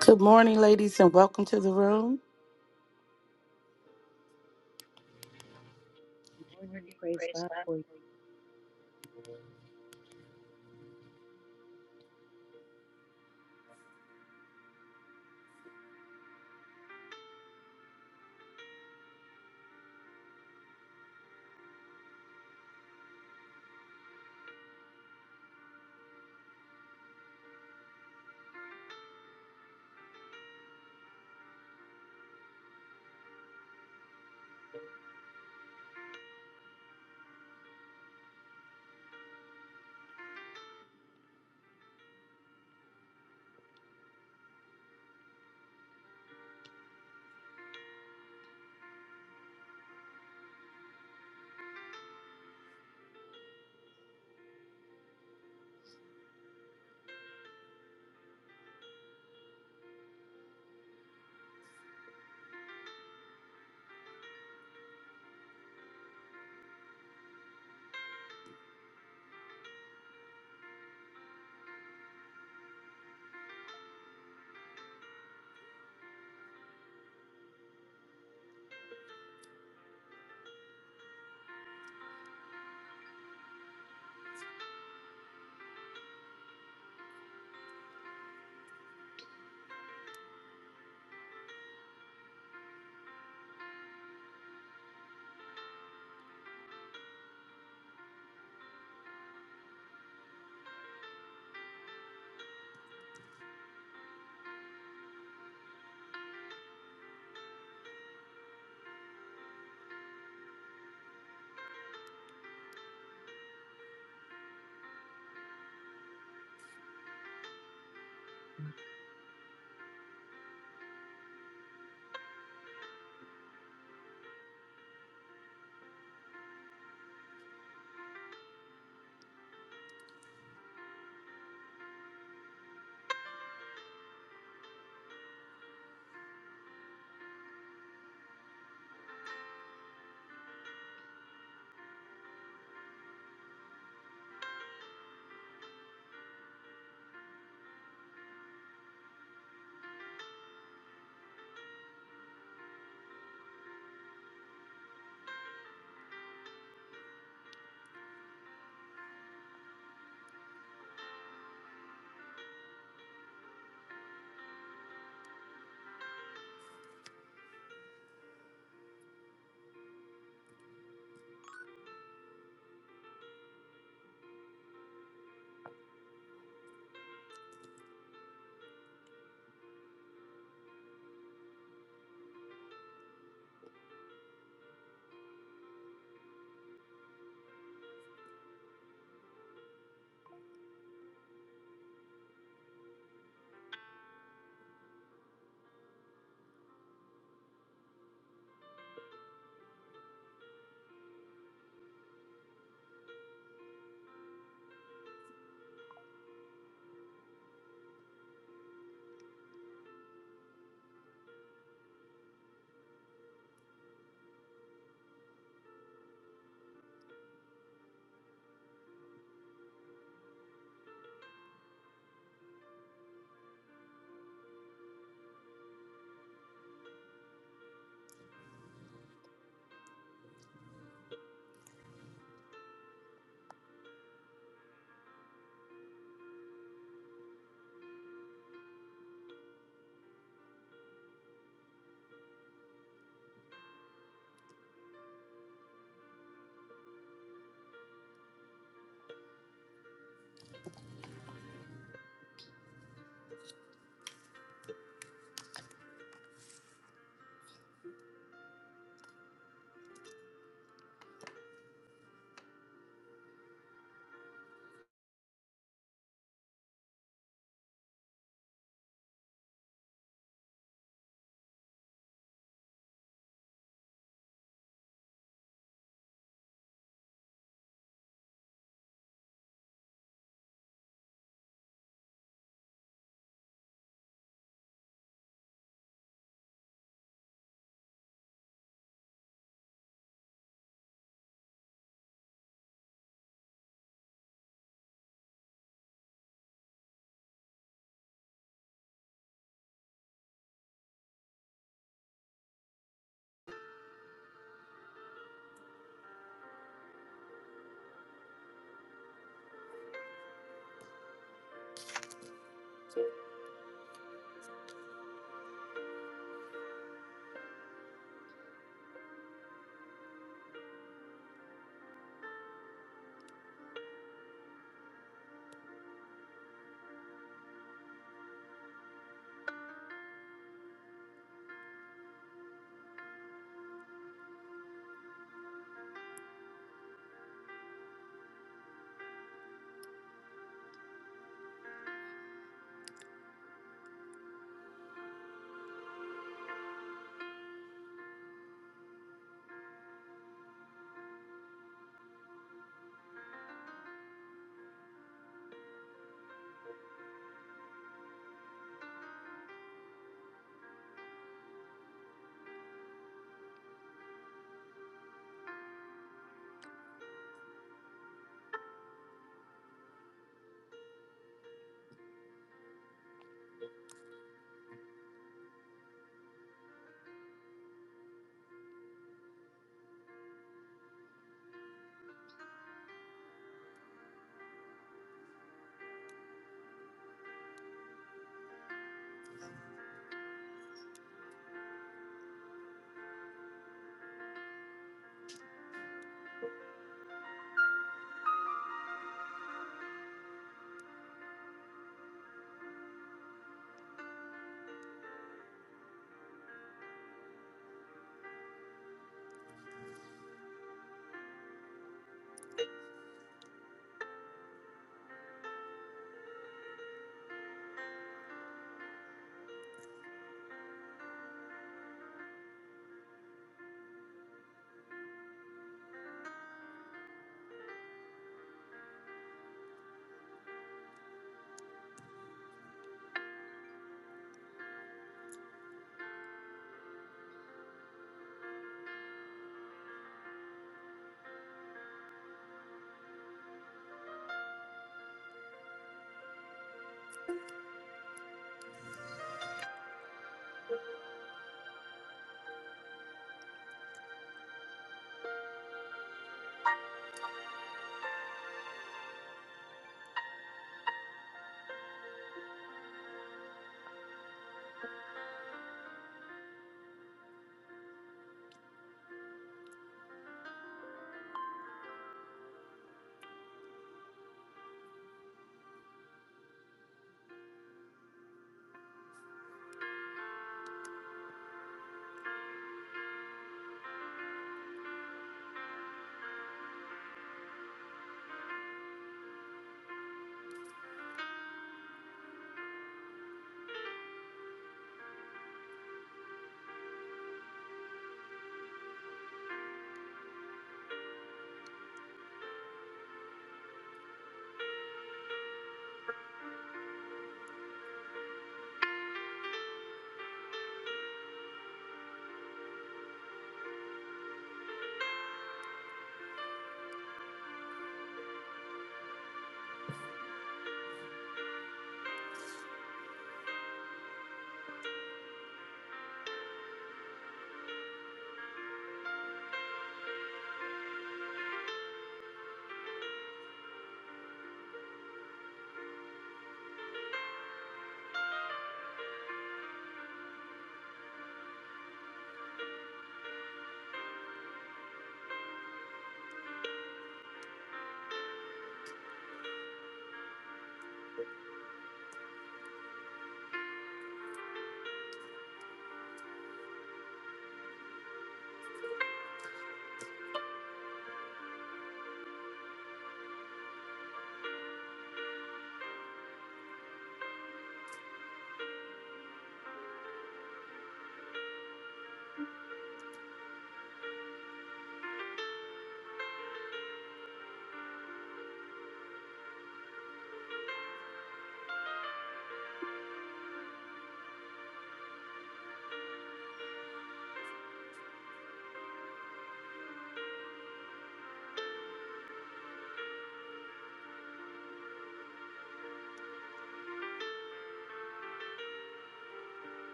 Good morning, ladies, and welcome to the room. morning. Praise God for you.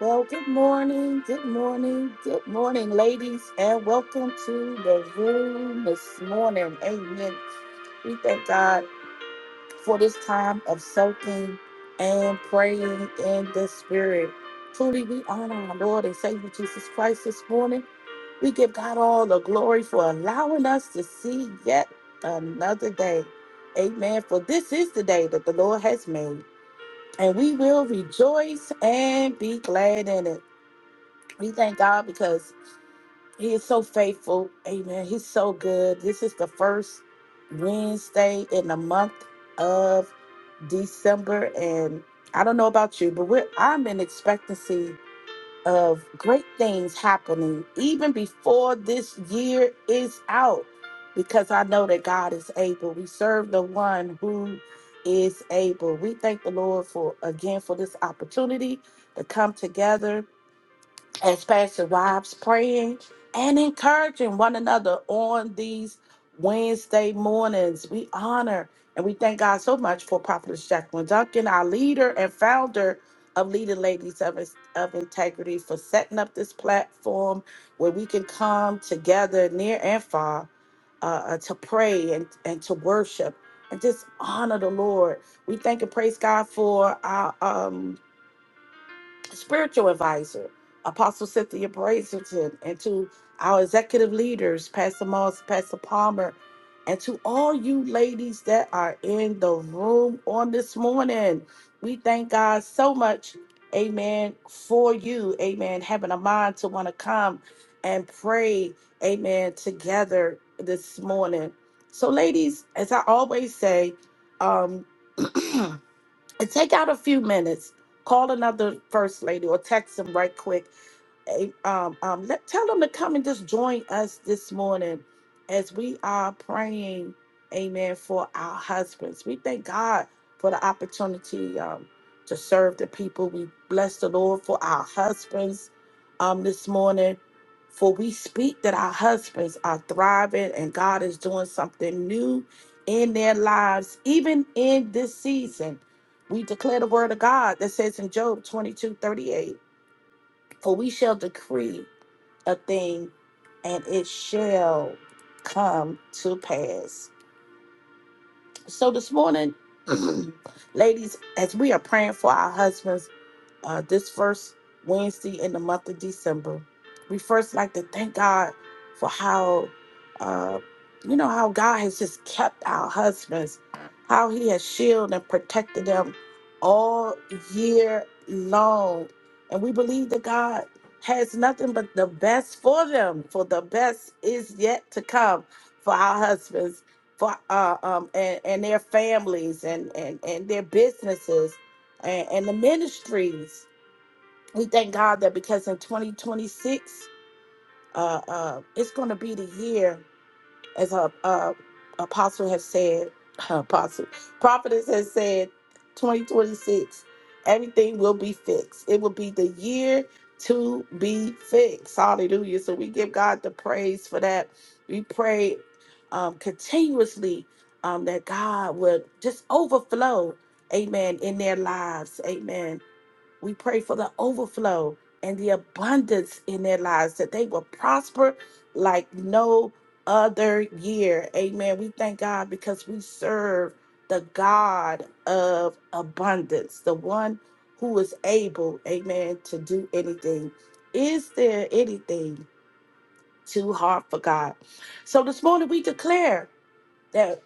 Well, good morning, good morning, good morning, ladies, and welcome to the room this morning. Amen. We thank God for this time of soaking and praying in the Spirit. Truly, we honor our Lord and Savior Jesus Christ this morning. We give God all the glory for allowing us to see yet another day. Amen. For this is the day that the Lord has made. and we will rejoice and be glad in it. We thank God because He is so faithful. Amen. He's so good. This is the first Wednesday in the month of December, and I don't know about you, but we're, I'm in expectancy of great things happening even before this year is out because I know that God is able. We serve the one who is able. We thank the Lord for again for this opportunity to come together as Pastor Rob's praying and encouraging one another on these Wednesday mornings. We honor and we thank God so much for Prophetess Jacqueline Duncan, our leader and founder of Leading Ladies of, of Integrity, for setting up this platform where we can come together near and far uh, uh, to pray and, and to worship and just honor the Lord. We thank and praise God for our. Um, spiritual advisor, Apostle Cynthia Brazelton, and to our executive leaders, Pastor Moss, Pastor Palmer, and to all you ladies that are in the room on this morning. We thank God so much, amen, for you, amen, having a mind to want to come and pray, amen, together this morning. So, ladies, as I always say, um, and take out a few minutes, call another first lady or text them right quick a- um, um, let, tell them to come and just join us this morning as we are praying, amen, for our husbands. We thank God for the opportunity um, to serve the people. We bless the Lord for our husbands um, this morning, for we speak that our husbands are thriving and God is doing something new in their lives, even in this season. We declare the word of God that says in Job 22 38. For we shall decree a thing and it shall come to pass. So this morning, ladies, as we are praying for our husbands, uh, this first Wednesday in the month of December. We first like to thank God for how, uh, you know, how God has just kept our husbands, how He has shielded and protected them all year long. And we believe that God has nothing but the best for them, for the best is yet to come for our husbands. For, uh, um, and, and their families and, and, and their businesses and, and the ministries we thank God that because in 2026, uh, uh, it's going to be the year, as a, uh apostle has said, apostle, prophetess has said, 2026, everything will be fixed. It will be the year to be fixed. Hallelujah. So we give God the praise for that. We pray um, continuously um, that God would just overflow, amen, in their lives, amen we pray for the overflow and the abundance in their lives that they will prosper like no other year. Amen. We thank God because we serve the God of abundance, the one who is able, amen, to do anything. Is there anything too hard for God? So this morning we declare. that.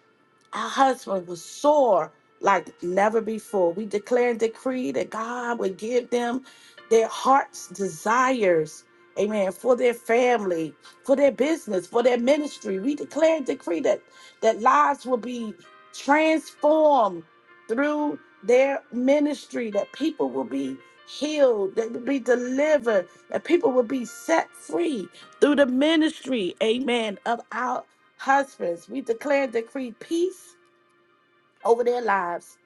Our husband was sore like never before. We declare and decree that God would give them their heart's desires. Amen. For their family, for their business, for their ministry. We declare and decree that, that lives will be transformed through their ministry, that people will be healed, that will be delivered, that people will be set free through the ministry, amen, of our Husbands, we declare and decree peace over their lives,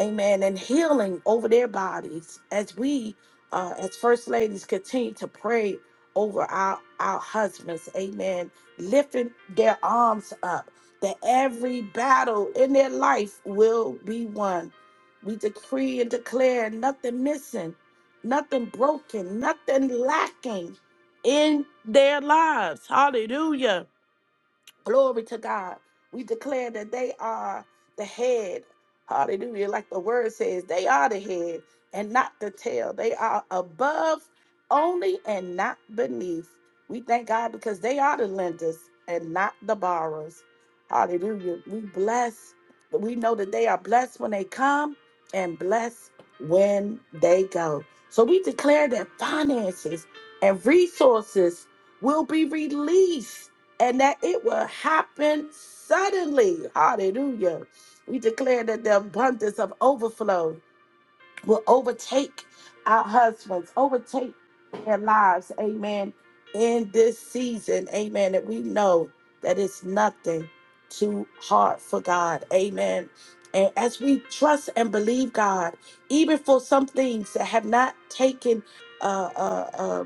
amen, and healing over their bodies as we, uh, as first ladies, continue to pray over our, our husbands, amen, lifting their arms up that every battle in their life will be won. We decree and declare nothing missing, nothing broken, nothing lacking in their lives. Hallelujah Glory to God. We declare that they are the head. Hallelujah. Like the word says, they are the head and not the tail. They are above only and not beneath. We thank God because they are the lenders and not the borrowers. Hallelujah. We bless. We know that they are blessed when they come and blessed when they go. So we declare that finances and resources will be released and that it will happen suddenly. Hallelujah. We declare that the abundance of overflow will overtake our husbands, overtake their lives. Amen. In this season, amen, that we know that it's nothing too hard for God. Amen. And as we trust and believe God, even for some things that have not taken uh, uh. uh,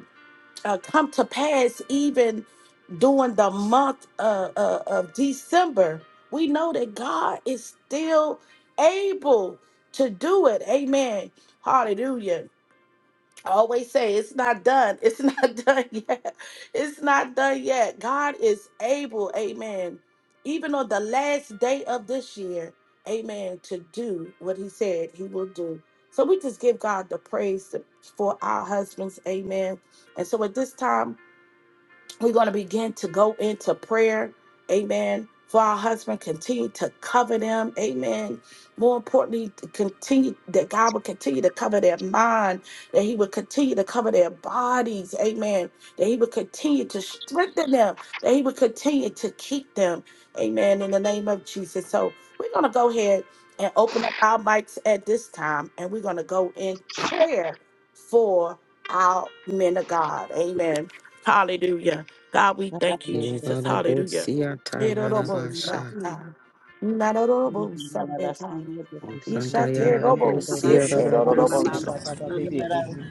uh, come to pass even during the month uh, uh, of December. We know that God is still able to do it. Amen. Hallelujah. I always say it's not done. It's not done yet. It's not done yet. God is able, amen, even on the last day of this year, amen, to do what he said he will do. So we just give God the praise for our husbands, amen. And so at this time, we're going to begin to go into prayer. Amen. For our husband, continue to cover them. Amen. More importantly, to continue that God will continue to cover their mind, that He will continue to cover their bodies. Amen. That He will continue to strengthen them, that He will continue to keep them. Amen. In the name of Jesus. So we're going to go ahead and open up our mics at this time, and we're going to go in prayer for our men of God. Amen. Hallelujah. God, we thank you, Hallelujah. Jesus. Hallelujah. Yararabosia Hallelujah. tayarabasha. Yes, Erorobo-shaka. Hallelujah. La Narorobo-sabeta. Baby, Ukanta eh, he, Shata yararabosia Kaborosha, Hallelujah. Lorora, rarabosia. Ishaterobo-seterorobo-sha. Baba, Baba, baby, Hallelujah. eh,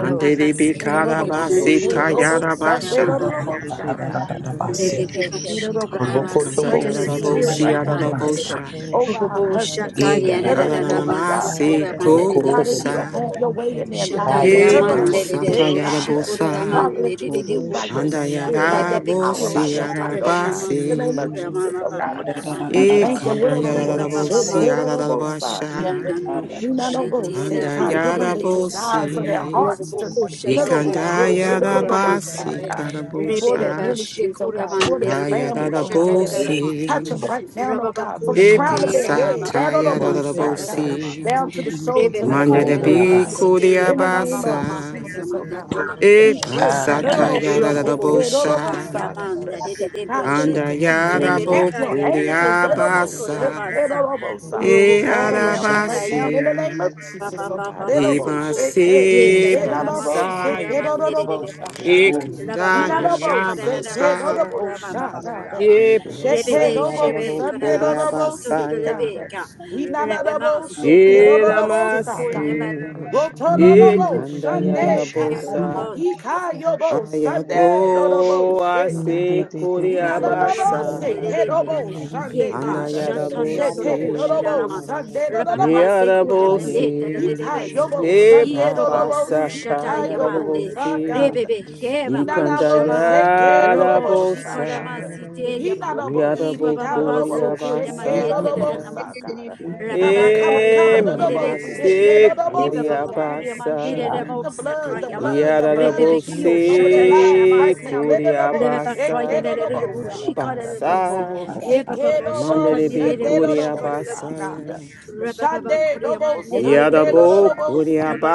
eh, de baby, baby, bikarabasi Kaborosha, da, da, da, da, da, da, da, da, tayarabasha. da, baby, baby, Erorobo-seterorobo-saberorobo-shaka. Ararararararabase. Kaborosha, da, da, Erorobo, God, Let's da, be Ikanta Rokotobo praying in the da, baby, yeah, da, spirit da, right yararabosia da, now, Lord God. baby, sikimelarabasa. rarabosha. over Kaborosha, our da, da, da, da, da, da, husbands, oh God. da. Let it almost Eyararararabasa. stop, Father, Yararanamasi God, God, I don't want God, Rokotobo to that you lift would up kobosa. my have your way husband in their even now lives. in So the let it name of ayataraba. almost Yebasa shake, Jesus. God. He tayarabosa. Father, that you would move by Kaborosha, your Anda da, ya, ya, spirit, da, by da, your power, baby, by yarabosia your might, oh Kaborosha, God. da, In the name yeah, of rarabasi. baby, Jesus, oh God. baby, We thank you. Irarararararabaya. Let Ikanda it Ya ya ya almost ya ya shake, ya let Thank it yararabosia pa pa pa almost pa stop, pe no, pe rarabasha. God. no, pe ro no. We not shando ro ro almost ya pa Shetera shake, Anda pa God. Give ha. them mandere the osha. desires Ro of ro ro ro their yarabosia. pe pe hearts Robo pe to kosha pe let da it da pe da da almost pe ma Rokotobo shake, pe they Ikandaya so pe da ro don't kora ma know, shanda oh ya rabasi sete. ya God. ya ya pa For pa Rebe be their ho. ba karabosha. she ministries, oh kora God, for their mandere de Aya family, oh Wa kosha ba da da ba God. da pe da pe ma sikimelarabasa. pe sa. Touch e. rarabosi. them right now, oh Raba ba God, from Ya the ya kosha ya crown of ya te their ra pa Ebasa ma pa ba head, ba pa down to pa the kora taya ma pa most, pe sa oh pe da pe da God, da ro ma rarabosi. si. shando down ro to the ro ro pe soles Rebe of pe be their pe Manda de kaya feet, pe na oh pe pe God. Rukonanabasa. si ro biku ye In shando the ba ba ya name ba ya ba ya of ya ba pe diabasa. pe kora Jesus, ma oh pe da da pe God. pe pe We pe kosha pray, he oh da. pe Ebasa God, oh, ro ro Ayanara. oh, taya oh, shando ro shit, Robobo yeah, ya oh, pa oh, pa oh, oh, Shika pa rarabosa. God, pa pa Yaman pa. God, that you Ledebushi will Anda Yere continue ya to da Thank you, encamp Rebebeka your boku di angels, oh, Yadarama God. oh, oh, shit, abasa. yeah, Sikorabasa oh, oh, oh, oh, E Robobo all Thank around you. them right now, Kushata in arabasia. the name of Jesus, Baba oh God. Oh, Baba oh, oh, Soko shit, yeah, Ye Imasi yeah, oh, oh, Dadarama oh, shit, yeah, oh, Sikuraman basaya. oh, oh, oh, oh, Nedebusha God. Not Rababa oh Ikandaya bow, say, Shakaranama kid, oh a rabasa. bow, Sukurama Baba shot, Korama Ye you. Shete Rebebe basaya da dobo bo Shebe Sunday Karama koria dobo Sito basaya. sikada. Rebeka Inana Rebema dobo sheke Sukur Ye Baba dobo Sukur sakada. damasi. Roto Ye dobo kanda ya da Sunday kada. bosa. Yema Ika yobo Sunday dobo Ayabo ase shekada. koria Inana dobo Solomon seke basa. Derebe, dobo Sunday Yeba, Anda kada. ya da Shatana Shete Norokush, dobo bosi. Ilaramasa, Sunday Rabama dobo Ya da sikada. Yea, Sekuramende, bosi. Thank Gadara Ika Tadebes, Shandara yobo Yada Ye Sunday Yada Yada baba dobo Baba Baba sata Ibabakushata sika ya da yobo Yamande, Gadara Shandara bosi. sakada. Rebebe, Yemama, Inana Ikanda dobo Yada Shabama, Gadara seke ya da Robo, dobo bosa. Shikorama, sakada. Shandara Yada Site Yada Yama, Ya Inanobo, da see bo that Ibababa odobo, koria Gadara Soko shake Shandara it Yada Yamane, odobo, basaya. Yada Tadamasu, sakada. Cover, Rababa cover, Eh, cover, Kuriaman, mama odobo, shake Nerebushi, it se odobo, Rebaba you. sikada. Kuriaman, Thank We kuriabasa. plead Neremo the blood, the Sakayaba, blood, the blood of Yarabo Rebebe Kyo, Jesus over their Shata lives Yanama se right now. Seko. Let it odobo, shake it kuriabasa. odobo, Baba sakada. Baba Baba Rebabakayarereboshikarerebusi. Ubasa. Rukonanabasa. Ekedobo Mandere be shadedodobo kuriabasa Yebababoshakarnereboshikarerebasu. sakada. ya. Shadedobo Mm, Yarabo Rebababakoreamanderereboshi. sandedodobo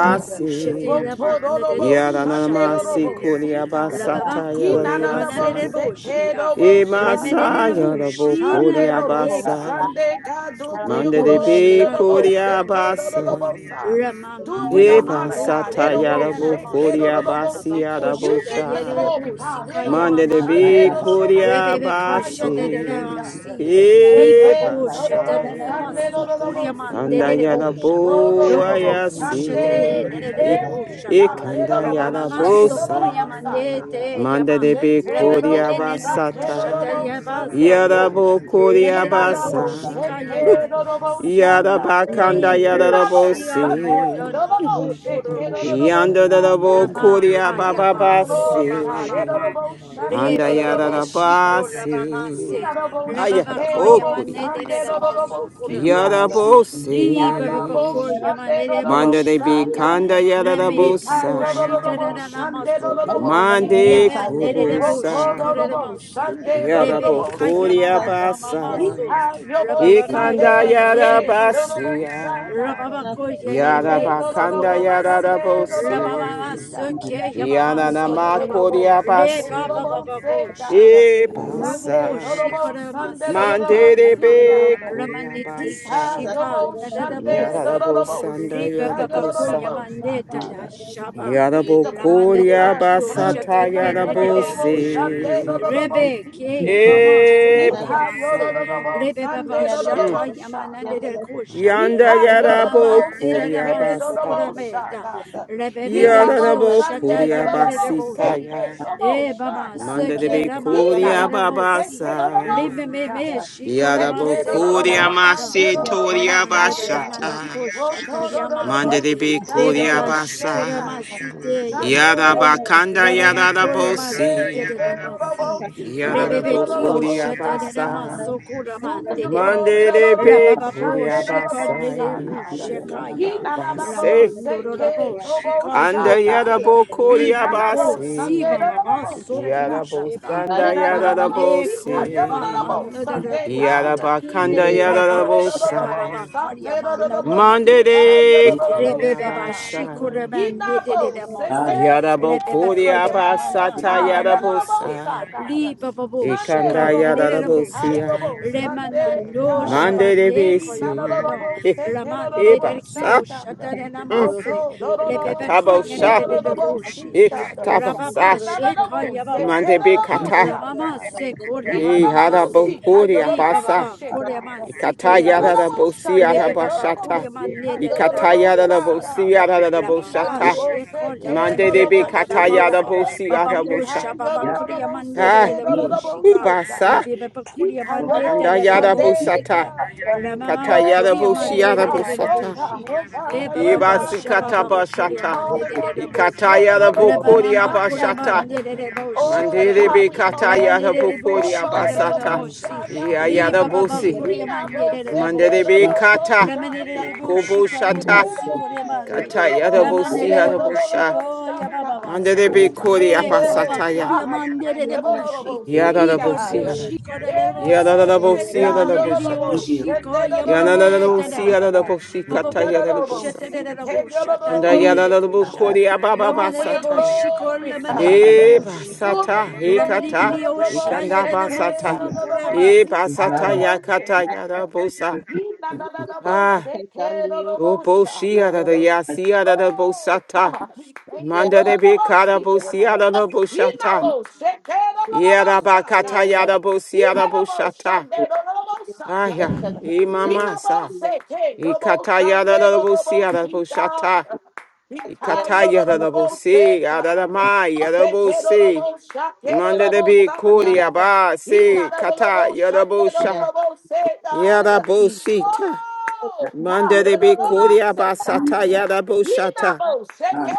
thank you. Rotododobo Yaranamasi shandedodobo Praise the sinkada. kuriabasa good ta people. Hinanadabo yarayasa. Rababakoyamanarereboshia. sekedobo Mm, Emasa shakada. yarabo Lemenereboshi Sandedodobo lamandeka. kuriabasa ya. sande. God, do it for your Mandere Robo glory. be Shika Dodobo Danaramasu. kuriabasa. sekedodobo sa. Do it for Ramamanda your no Eba honor, no God. sata good tore Edobo people, yarabo Russia. danamasu. koria shekedodobo Papa basi si. yarabo You Koshata get the sha. Keep glory, Yerebu on God. Sika Russia. Mande Edobo de Hallelujah. Yamamasa. be shandedodobo koria Rebebe I don't Koshata know, say basi. God. Danamasi. Good people, Ripa Russia. Da, Shete, Eba da, no, da, no, da, Boshata da, no, da, ba, ba, Sunday, ba, saya. no, ba, Danamasu no, ha. no, no, see Kuriamande Anda God. Ye Rebosha. good No, you. no, Russia. yarabo no, Robo no, Do, no, ho, Thank di, di, di, Bokushata di, Sunday. di, ayasi. di, di, E- our di, di, di, Hey, Rebosha. di, God, di, di, eh, no, Ekanda di, no, no, good Ramamama Sunday, Russia. yarabo no, La, no, freedom. la, no, la, no, la, sa. la, sa- la, la, la, God. ba, Sokuriamande ba, Mande Yama. ha. de be Shete, no, koria Touch no, our Ramanene no Sunday, no, husband, no, Kushata basata. no, Sunday, Yabasako. Lord, God. Yarabo koria Na, na, Lemerebo no, basa. shikaya shete, no, no, no, si and sa- I'm God. Yarabakanda rebo Na, no, yarabo no, shia Sunday, si. moda no, no, no no, no shete, no, no, doro no, grateful. no, shi Yanda da da sa- bo God. lama kuria kaya Who baba for your ba so glory, ba ba God. Eh, ba no, basi. no, ma no, re Sunday, Anda no, be no, be no, yada be no, da see shiko God. lama ma Lord. basi. se Inarabo lama ba Ayada Touch my bo kaya ma shekerobo husband. kuria ne de de basa. lama so sanderobo ko Give lama Fill him Yada our se sikara. bo wisdom, orphans up. even ri now, ba ba ba Lord Inarabo ko se. ya ma ne Jesus. de bo Manda sanderobo de be Fill shikaya them up. kanda sakara. yada le da Yada me yada ba ba kyo ba shi bosa. ba da da ba Ikayorobo da lama ba so ko ba sanderobo ba Mande ba. me sikara. ne de de kubosa. Rotorobo Yada Rebe bo sanderobo kaya kuria mama sikara. mama masu. basa. Ikayobo Rababa Bring them kaya to Ikanda sande mandere yada eh you. rebosi. robo basia. sakara. Rababa Thank koya Yara basanda yara rabose. Yara bokuri abasata yara bose. Mandere bekuri abasa. Yara basanda yara Yada neme bakanda sikore Shekerobo yada masi. da freedom. sanderobo Rababa bose. masu sikara. ke yamama Sunday, Yananama sodarama. Dodobo, Kodia Re Sunday, baba Dodobo, Basi. baba say bosha. God. E I'm Sunday, Robobo Basa. Dodobo, shikore Sunday, maseka Dodobo, see yama. Mandelebe God. Kodia Ramaneti Sita Basa. shika Yobo Shande nadarabosi. Yadabo Dodobo Sanda Rebe Sita baba Yadabo koya Sa. Yodobo mandeta da Shakada. shaba. We plead Yadabo the blood, Ramana the de Kodia blood, the Kio blood, the ta, blood, Shatayen yada Dodobo so Nedekosha Shande Se. Dodobo Rebe See ke sweet to Jesus. you. yamama I'm E about sokur to Ita yamase. Basa Yodobo Yad. Rebe baba Sunday Mm. şaka Dodobo yamana neler Shakada. koşa. Yanda Ita Rebe yada mama Yodobo zere Kodia rama Seke sokur Basa. Dodobo ameta. Shakada. Rebe rock, bebe ki Hidabo o Yadabo you. şata Sunday, no Kodia no no, yanere no, Thank rock, say, boşi. hey, Basitaya. no more E shot. baba ya. roll, de seke be rama Kodia neler Hidabo say, boşi. hey, no more Babasa. Rebe sit me me down. şikur Check hey, no amase no no, Yarabokuria rock. no, koramasa. We Sunday, no got no more masetoria Raman da da shot. da na bashata. Roto no no no no, Mande yamande. no, de be sit down, Rebe no kuria ba more say şikur basa. down. amasite Shando, yamande. Yarabakanda hey, Rabamakore hey, hey, masite yarabosi. de de hey, no no more masi, sit the down, other no no little rebebekio no Yarabokuria shete de de shot. basa. masokura Do for mande your de de. glory, Mande da de da da be bo, Rabababo shande kuria da da bo, shikarne de sa thing, basaya. bu and then I'm about He shekaya, to na na na bo, Base. ramando say ke, rabo da bo, sha Anda shikaye ke, He yarabokuria na ripo na bo bo, Sunday siba da basi. da da mama bo, she sokusheba, He Yarabosanda na na na na bo, lande see yarabosi. God, ya koyama bo, mando de de Sunday God. kushitaya, Yarabakanda He move sa te raba you. da da da bo, yarabosaya. shababa sa te da koryama da da nana no Mande kusha, de it. rebebeba Kuriabasa. shikuramande de Inabo, de seke, I maso just Yarabo eh, lebebekaya mama eh, Kuriabasa mama ta na na God, na eh, no, no, bo, masi sa, Yarabosa. li God. baba bosha Sunday, no, cover Ikanda no, kanya bo, nere na si, ah, bosha yo, Yarabosia. bo, le Sunday, manando my back, Thank God. Mande de shabane Ina, koya no, no, Bisi. no, mando bo, la seke, no, man no, no, de bo, Ibasa. sa, derkio God. shatana na masi Roto, no, no, no, bo, lebebekaya Sunday, na oh, Ikatabosha. de no, oh, no, de no, bo, boshi si, God. rababa Ikatabasa. Na, na, she na, bo, kaya mama seke, Mande no, mama no, bo, and it's Bikata. la sha, mama God. se kola Ina, E mama no, no, bo, Yarabo masi si, ka, yo, no, li no, no, baba bo, Kuriabasa. ba she, kore man God. si Ikata te de Ina, no, oh, no, masi bo, Yarabosia le Sunday, no, baba no, bo, Rabashata. kore man si, ne ka, de yo, de no, no, Ikata bo, sa, God. Yarabosia La baba oh, Nina, Raboshata. you. sheko Bose, ya Mande Kedo, de mande the ta da da Bikata Boshi, yeah, maso. God. Yarabosia Baba He Rabosha. kusha found the baba yeah, kuri ya Dodobo Shikada. Yodobo, mande de Ah, de Sunday, de yeah. bushika. Dodobo Le ubasa, God. bebe pa He kuri can Oh, de go de andayada it's a Yet big they Sunday, busata, bushika. God. La mama are ma not katayada kuri ya yet mande Oh, de bushiada de de God, de oh, busata, bushi. God, oh, E God, oh, baba It's guy, ba a ibasi key, sha God. you baba know, pa kuri We katabashata, oh, calling it's a de de on you key, you this busha. know, morning, ikatayada so La from Dodobo my mama bukuri ma head, kuri ya Sunday. abashata, it's mande de de my head, you know, bushika Oh de mandiri ba. God, bi we it's call La on mande katayada you de this de bukuri morning. Oh, a bushika no, de no, de no, de abasata, no, bushi. key, you know, Li iayada it's we Shaddai. baba a key, ba you come abasata. busi, know, and kuri He ya not mande de gonna it's de a send it, mandiri no, bi go, bushika. no, no, La kata, mande de Shaddai. bushika go, de go, ba ikubushata, si so kuri ya Hey, key, no, no, no, katayada no, busi over, Ramanere Sunday, yada no, no, no, busha, no, Bushiko Yababasa. Shaddai. mandiri bi over. kuri Re Baba Oh abasataya, Korea God, we thank Mandere you. No, no, no, Bushi. no, Open see yada Reaper God. busi yada, Bushiko Hey, Remoso. you know, I am you know, it's a key, you know, it's a key, you know, it's a yada key, hey, busi God, yada no, Ramanere no, no, busha. no, the Yoshiko Sunday, no, no, no, no, Yamande Yananalosi Shaddai. Tadada. Yananaboshi Papa Kusha Katayanabosa. you Tadabusha And God. Tadede know, it's Kusha. a under key, Yananabokori Ababa Do it for Ramanere your Basataya. Bushiko glory, the Lamanere E God. apapapasata. Do Bushika. it for Basata, your E glory. Ramanere sea, No, Kata, no, no, E Yosha no, Kanda shake Yedemo it. Basata. No, no, no, no, E seek how Basata you nine both shake, Yakata God. Yanabosa. He, no, no, no, no, no, Ah, shake it. No, no, O no, shake, Boshi God. I Yanayasi Oh, Yanabosata. God. we Thank you, Manda Lord. de of the Bikara Most Bosi High, God. He not Yanaboshata. most shake, eh, Lord of the Most High, Yarabakata God. Yanabosi He not most Yanaboshata. Sunday, Lord of the Most Ah, High, ya. God. E He not Mamasa. most shake, eh, E no most Kata Sunday, Lord of the Yanabosi Most High, Yanaboshata. God. He tie you, Lord Ikataya da of the da Most High, bose, God. adadamaya da Shake, eh, Lord of the bose. Most High, eh, Lord Manda of the da Most be High, kori God. aba He se not Lord of the kata Most yada Sunday, Lord think of bosha. the Yeah, Most High, Yada God. bosita. Oh, that Manda God. de Lord be of kori the Most aba High, God. sata yada and boshata. Inabo seke. nine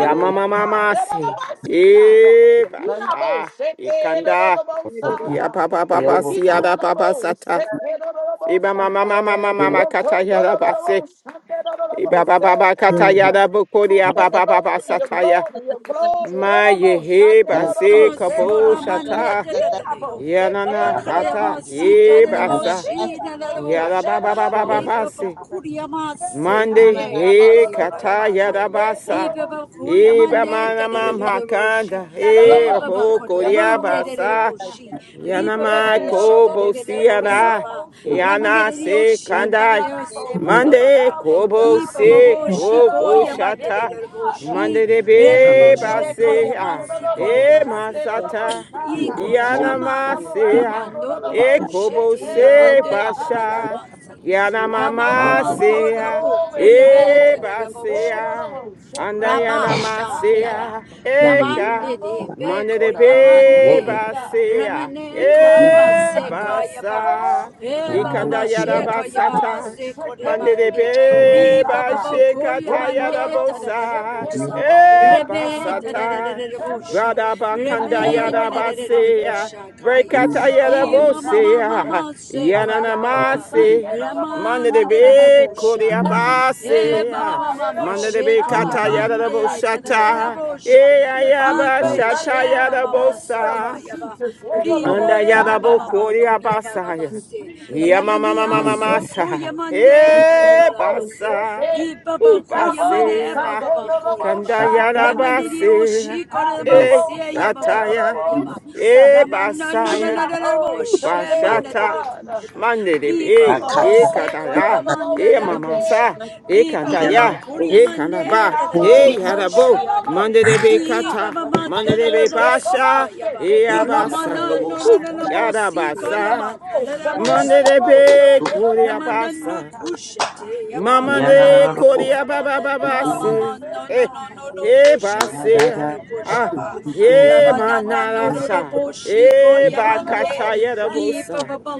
Lord God. mama si Ebababasi, God. E Inabo basha. seke. Ikanda. Dododobo above sa, God, Ya God. papa they papa si overflow. yada papa Inadadabo sata. seke. Dododobo Iba sa, mama mama God. Fill mama kata Woto, yada base. dododobo sa, dododobo Iba baba se, baba kata the fill up, God. yada bokori Do for aba your papa glory, your sata ya. glory, your glory. Ma Dodobo yehe shande, fill up. basi dodobo Ama se, kabo God. solamane shata deleriyor. Inabo yanana Baba seke. Rabbi, hata Dodobo krema sa, ye God. sitere have basa boşine Inabo sa, yada ba boşa. ba ba ba dodobo ba yes, Lepe se, basi God. kuryama Yay, God, seke mande we thank you, yama he Lord, Lord, Lord, kata solamane. yada Sunday, Lord, Lord, basa Lepe Lord, see, kuryama God. iba ne mana Lord. mama deleriyor boşi. kanda E e Down baba boko kuryama ria ne deleriyor basa Thank boşi. Lepe Yanamai kurşa kobo deleriyor You boşa siana. ba. take you. Lamane Yana deleriyor se In the kandai. şakariyor name seba Peter, of baba Mande ka. kobo Jesus, Yi baba se I boşi kobo ask koyama ne shata. that deleriyor boşi. Mande I de the have to in be the hands of souls Mandelebe of Rebabasheka the head base kata. Usata ah. people, Yamansi the E most of Koryabasi the most masata. you God. and Iko mold Yana it Shama from Cover right mase now, ah. Yamando the E that. most kobo shake, Rukushete the se most Yamande God. basha. Tadamasi Yana Do you know mama the Rabbi, Yamama no most se ah. Rabu glory, Kuryabe E God? base Tadaraboshi ah. Shake, Anda the yana Rabasha most mase Yara ah. God. you Sunday, Eka. Yamande de the Mande de Bekor be Lord, and Yamande basea, Ramane Koryaba even e Seka Yaba basa, E Baba Rabbi, Ba ikanda he yada got up Sheka there. Yamama basata, Sekor Thank mande de Yamande Rabbi, be Ri Baba you. Ba bashekata yada Koryamande Tadadada bosa, Bosa you e Reme basata, Tadadada Boshi brada bakanda I Reme got yada Nadadada basea, Bosha Kaya breakata you. yada E Mama bosea, Mama I Seka yana got Yababa you. namase, mande de Ramana Dadada be kodea Bosha Every spirit, Eh, oh mama, basea. mama, God, mama, Manda every de be sheka soul, kata that's yada da not bo like yabande, da you, da da oh da shata. God. E bosha. You Bind ayaba it up Ripe, right shata now shema, in yada the mama, name of saka bosa. yaba. Jesus. Elohim, Anda Ripe, yada yama, mama, bokori kuri yaba, abasaya. baba, Jesus, se. Jesus, Ya mama Jesus, mama Lamania, Thank you, mama Lord. soko sa. Jesus, yamande, Jesus, da da Eh da da Elohim, maso. basa. Sunday, Ripe, U ba, You kuri Yitabo, yamane, ba, basea. ba, Sunday, ba, kuri Elohim, yaba. Ikanda I yada Shaka. Lamania, basea. shikore, ma, thank you Eh se, Yitabo, yaba, Sunday, baba ba, ataya. yaba. Elohim, Eh Shaka. Ramana no no no basaya. no no bo Yitabo, U Sunday, for shemana de basata. de God. kusha. Mande de Ripa be. Amen. baba Jesus, Eh Oh, seko no, no, kataya. no, no, yamanda Eh de de And we mama have Sunday, no, sa. bosha. done no, it no, Eh no, Ripa to keep baba kantaya. Sunday. Eh testing to the You kuryamande kanaba. de got de people who de Eh more de yada Sunday, no, bo. no, are like, boshiana. no, Mande de "Oh, be Sunday. Ah. I'm Ripa kata. not baba gonna Mande de de de de be Hey, hey, no, bosika no, basha. Sunday, yaba. hey, Eh no, no, abasa. Ramana no no Whew. no Sunday. no say bosika that. Gadabasa. yamanda de I'm de not gonna Monday say de bosika pe yaba. that." Ramadan no Koryabasa. Kushete, No, no, Mama no, Mama, no. de Mama, I'm not so Mama, Mama, gonna say Mama, Koryababababase. no, Eh. no, no, no, no, that. Eh Kusha, no, no, no, basea. no, Ah. ah. kusha Kushaba, We Eh could Rabanana, do no, no, no, manarasha. Boshiko, Eh it, that's what bakataya da Yamande, pa bosa, Baba,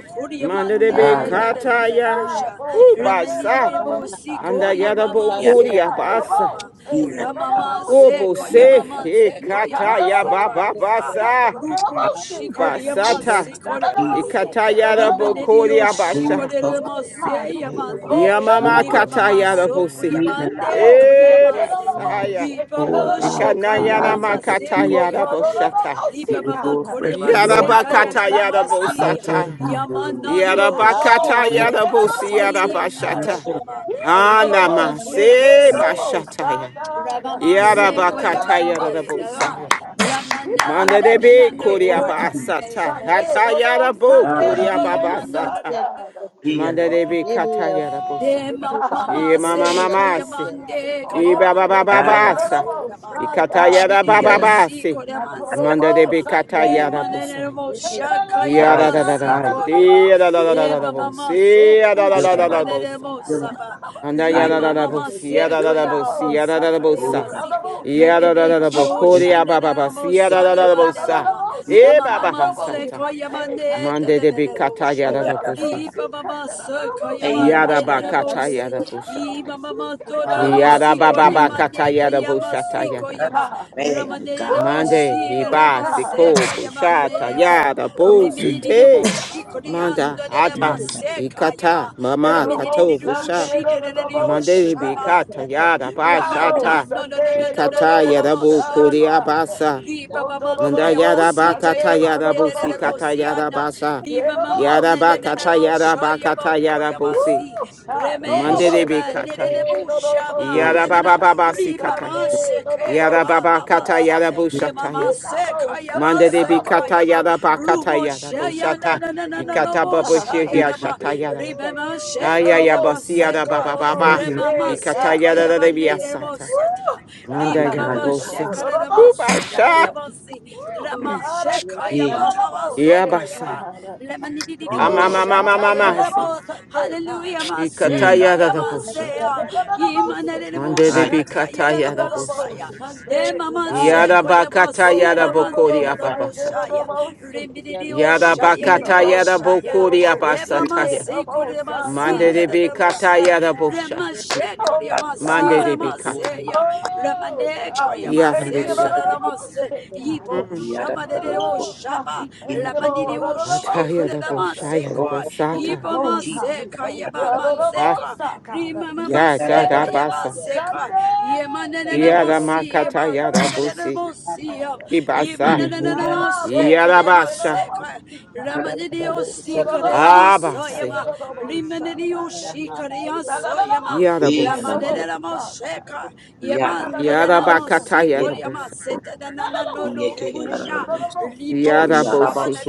we Monday could de do. be Kuryamande, da, da, da, da, kataya. Kusha, Woo Ramani, basa. I'm not Anda Bosiko, yadabo Yamama, people. Thank you. Seko, Koryabasa. Yababa, Yamama, Oh Masiere Seko, ya bose. Yamama, kasasa. Eh Seko, Yama, Ama kataya Seko, masiere Yama, ya bababasa. Rupu, kasasa. Shiko, Yama, Ebe Basata. Da Siko, da kisi da we ya boom, Yama, sit there. Da da Ikatayara da kasasa. boom, sit bokori Rimenerio there. move abasha. cover Shikoremose God, do it for Mandala your Ebe kata Yamande glory. No, no, kisi no, Yamama field the Riba most high Mama katayara ya God. Soku bosi. kasasa. freedom, You got Yamande most, shake E Ebe kisi ya it, no, Koriamase kasasa. no, most, basaya. shake Riba it, no, Bo Lord no, God, no, most Sheka for high Ikanayana life Yamama and God. for ebe Seku freedom, Oh, no, makatayara no, no, Yamande no, boshata. most Riba and high Mama for a God. fresh He kisi Koriamase got anointing. most, Tariana son, no, Yarabakatayara no, no, Masi most, shake bosata. God. Hallelujah. Yamana He no got your most, son, Yarabakatayara no, no, no, bosi no, most, Shikoremasi shake God. yarabashata. Yanachama He ya got the Riba Anama most, shake kasasa. se it, no, Bakuriamase most, high bashataya. God. Rabama He Seko got the Yarabakatayara Yamande most, high Dara bosaya. God. He got Ramana Manda the de most, be Nanana shake kori Kor God. abasata. Sunday, no, Hatayara most, bo Sunday, kori Ah, no, no, most, Rimano high ababasata. Yeah. God. Manda de yeah, be kataya rabosa. Oh, De God. mama E mama se Oh, mamasi. God. We koyamande call E on baba you koyamanda this morning. Aya, nanama No, ta- no, babasa. no. surama E Shy, kataya yeah. ramani da iya, na, diyo na. si bababasi. koyaman se Manda de Natorobo be koyama kataya Sunday. rimane rabosa. ne mosha Nanalobo Ya da koyaba da Aya, da si Sunday. da. aya. koyaba Nanalobo Te da da da da E Sika. da da baba bosi. ma so Ya da da Fill da da kuşa them Nanalobo up. da balere bosa. mo Sika. Nanalobo Fill them up. saba. Anda ya Aya, da lima da da, Shaka. da, da da. mama bosi. Ya se da da da kaya bosi. mama Nanalobo Ya da sa da da Sunday. kaya Oh, bosa. God. basi. Nanalobo Le Ya da da Shaka. bebe da da ki o Nanalobo In- bokori Shaka. ya bababasi. mo Ya da sa da ya da da ba ne bosa. ba. Nanalobo Na E Shika. mama man se Nanalobo bababasata. kaya ma Sunday. ne te Manda de de de be de mo Sunday. kataya şa. da iya, da da, da, Nanalobo da, da. Ri Shika. se Nanalobo kaya ma Save ne Yada us. Shaka. de Save us. mo bakata si. yada I Nanalobo bushataya. mama Shika. tora masiko da Ah, ma Nanalobo Yada si baba Jesus. Shaka. bakata ne te yada ya ma bushata si yada Woo! kaya ba. God. busata. Rama ne de Woo! God. mo Mande si ne de hiba ma se siko God. kaya ma Woo! ne bushata yada mo. Mm, busite. Manda Choose ata to mm, da, fulfill ikata Sekayaba, mama the kato busha. Sunday, Mande God. hibikata purpose yada da, Nabo da. Ramana bashata. no no no no no Sunday, no no no no no Ikata bo yada no bu kuria shaka. Sekaya, basa. Riba Boto Mama no Manda no Kurema bo yada Sita bakata Sunday, no no yada Yamande no busi bo de kata yada shaka. Bosiana, basa. Yeah, Riba no no bo Mama Yada shaka. Nenana bakata yada Shayaba bakata yada Kurema Woo! busi. Sidi God, no Reme no Thank you, Mande de bo be Sheba kataya. shaka, Nerebu no no bo shaka. Shama Lord. Yada Da, da, baba Nanana da, of da. baba si Rimama kataya. Sunday, no no Seke more Yada Yaba baba their kata Mamasa yada Sunday. Mm, Yamama You bushataya. not Seka more Yaba Monday Sunday, de no ah, be no Seka more kata Yaba yada ba Sunday. kata Rumo yada Shaya ah. bushata. Nanana Ikata Mm, Lobo babo God. Shaya shihia Ika, Nama shata yada. Rimama Mm, No Aya Seka no ya more Yama basi yada Sunday, Seka baba no more baba. aya, Remama Sunday, Ikata God. Seka yada da de Yaba be Nerebo Woo, Sata Manda God, ika, yada Ribaba thank you, ta, busi. Lord. bas. No Sheka no more Uba Sunday, Thank God. sha. Nama Sita Woo, God, Rama Mm. I thank you, Iya, no Shekayaba ta. no Mama more Sunday, Sokoyaba Yabasa. God. Thank Ama you. Oh, mama mama God, no no mama Ika. you. si. more Lemanidikushatayanaba Sunday, God. Hallelujah No Ikata no Mm. yada da Masekayama more Sunday, bushata. Sea no no more Sunday, Monday God. de Aya, be ta. kata yada Ooh, bushaya. Yimanabusakayanabosaya Sunday, Emama Iya, da, da. Yada God. Sekoyaba bakata Whoa, yada Sila bokori total Mandera Ika, Sunday, Bosaya the ababasataya. most. Rimidi Yada He Oshaya iya, had da, the a bakata da. most yada Sunday, Oshaya, the bokori most sick, Iya, Remama abasataya. the se most korema I si Mande de got. da, bikata tenemosa. da. Oh, yada God. bosha. Rema she Oh, Iya, korema da, si Mande de God. rema da. se bikata. ya. Rema Oh, ne God. We korema Yada thank Yaba, you, se Lord, basha. the most tenemose. God. Ibo Mm. shaba de de o Oh, God. shama. We thank you, Rema ni de Lord, o the shi ataya most yada korema God. bosha se yada ko. Thank bosata. Ibo ma Oh God, we se thank you. kayeba man se Ah, Adorable ka. God. Rema mama gata se Yeah, da kayeba basa. adorable se Sunday. ka. Yema ne ne mo Yada Adorable si makata ma Sunday. yada ne ne bosi. mo Adorable si God. Ibasa. Yeah, ya. Adorable Yada Sunday. basha. Adorable Shekariamaseka, God. Ramanidio Yeah, Sikarama adorable Sunday. Yeah, Soyama Abasi. adorable Rimanidio God. Yeah, adorable Sunday. Yeah, Shikaria Soyama Yada bosi. Adorable Ramaneramo God. Sheka Yeah, Yada adorable Yamaneramo bakata Sunday. yada God. Sikoriama bosa. No, no, Setanana no, oh, no shit. yeah, No, Kusha no, no, no, see, God. Lipo Yada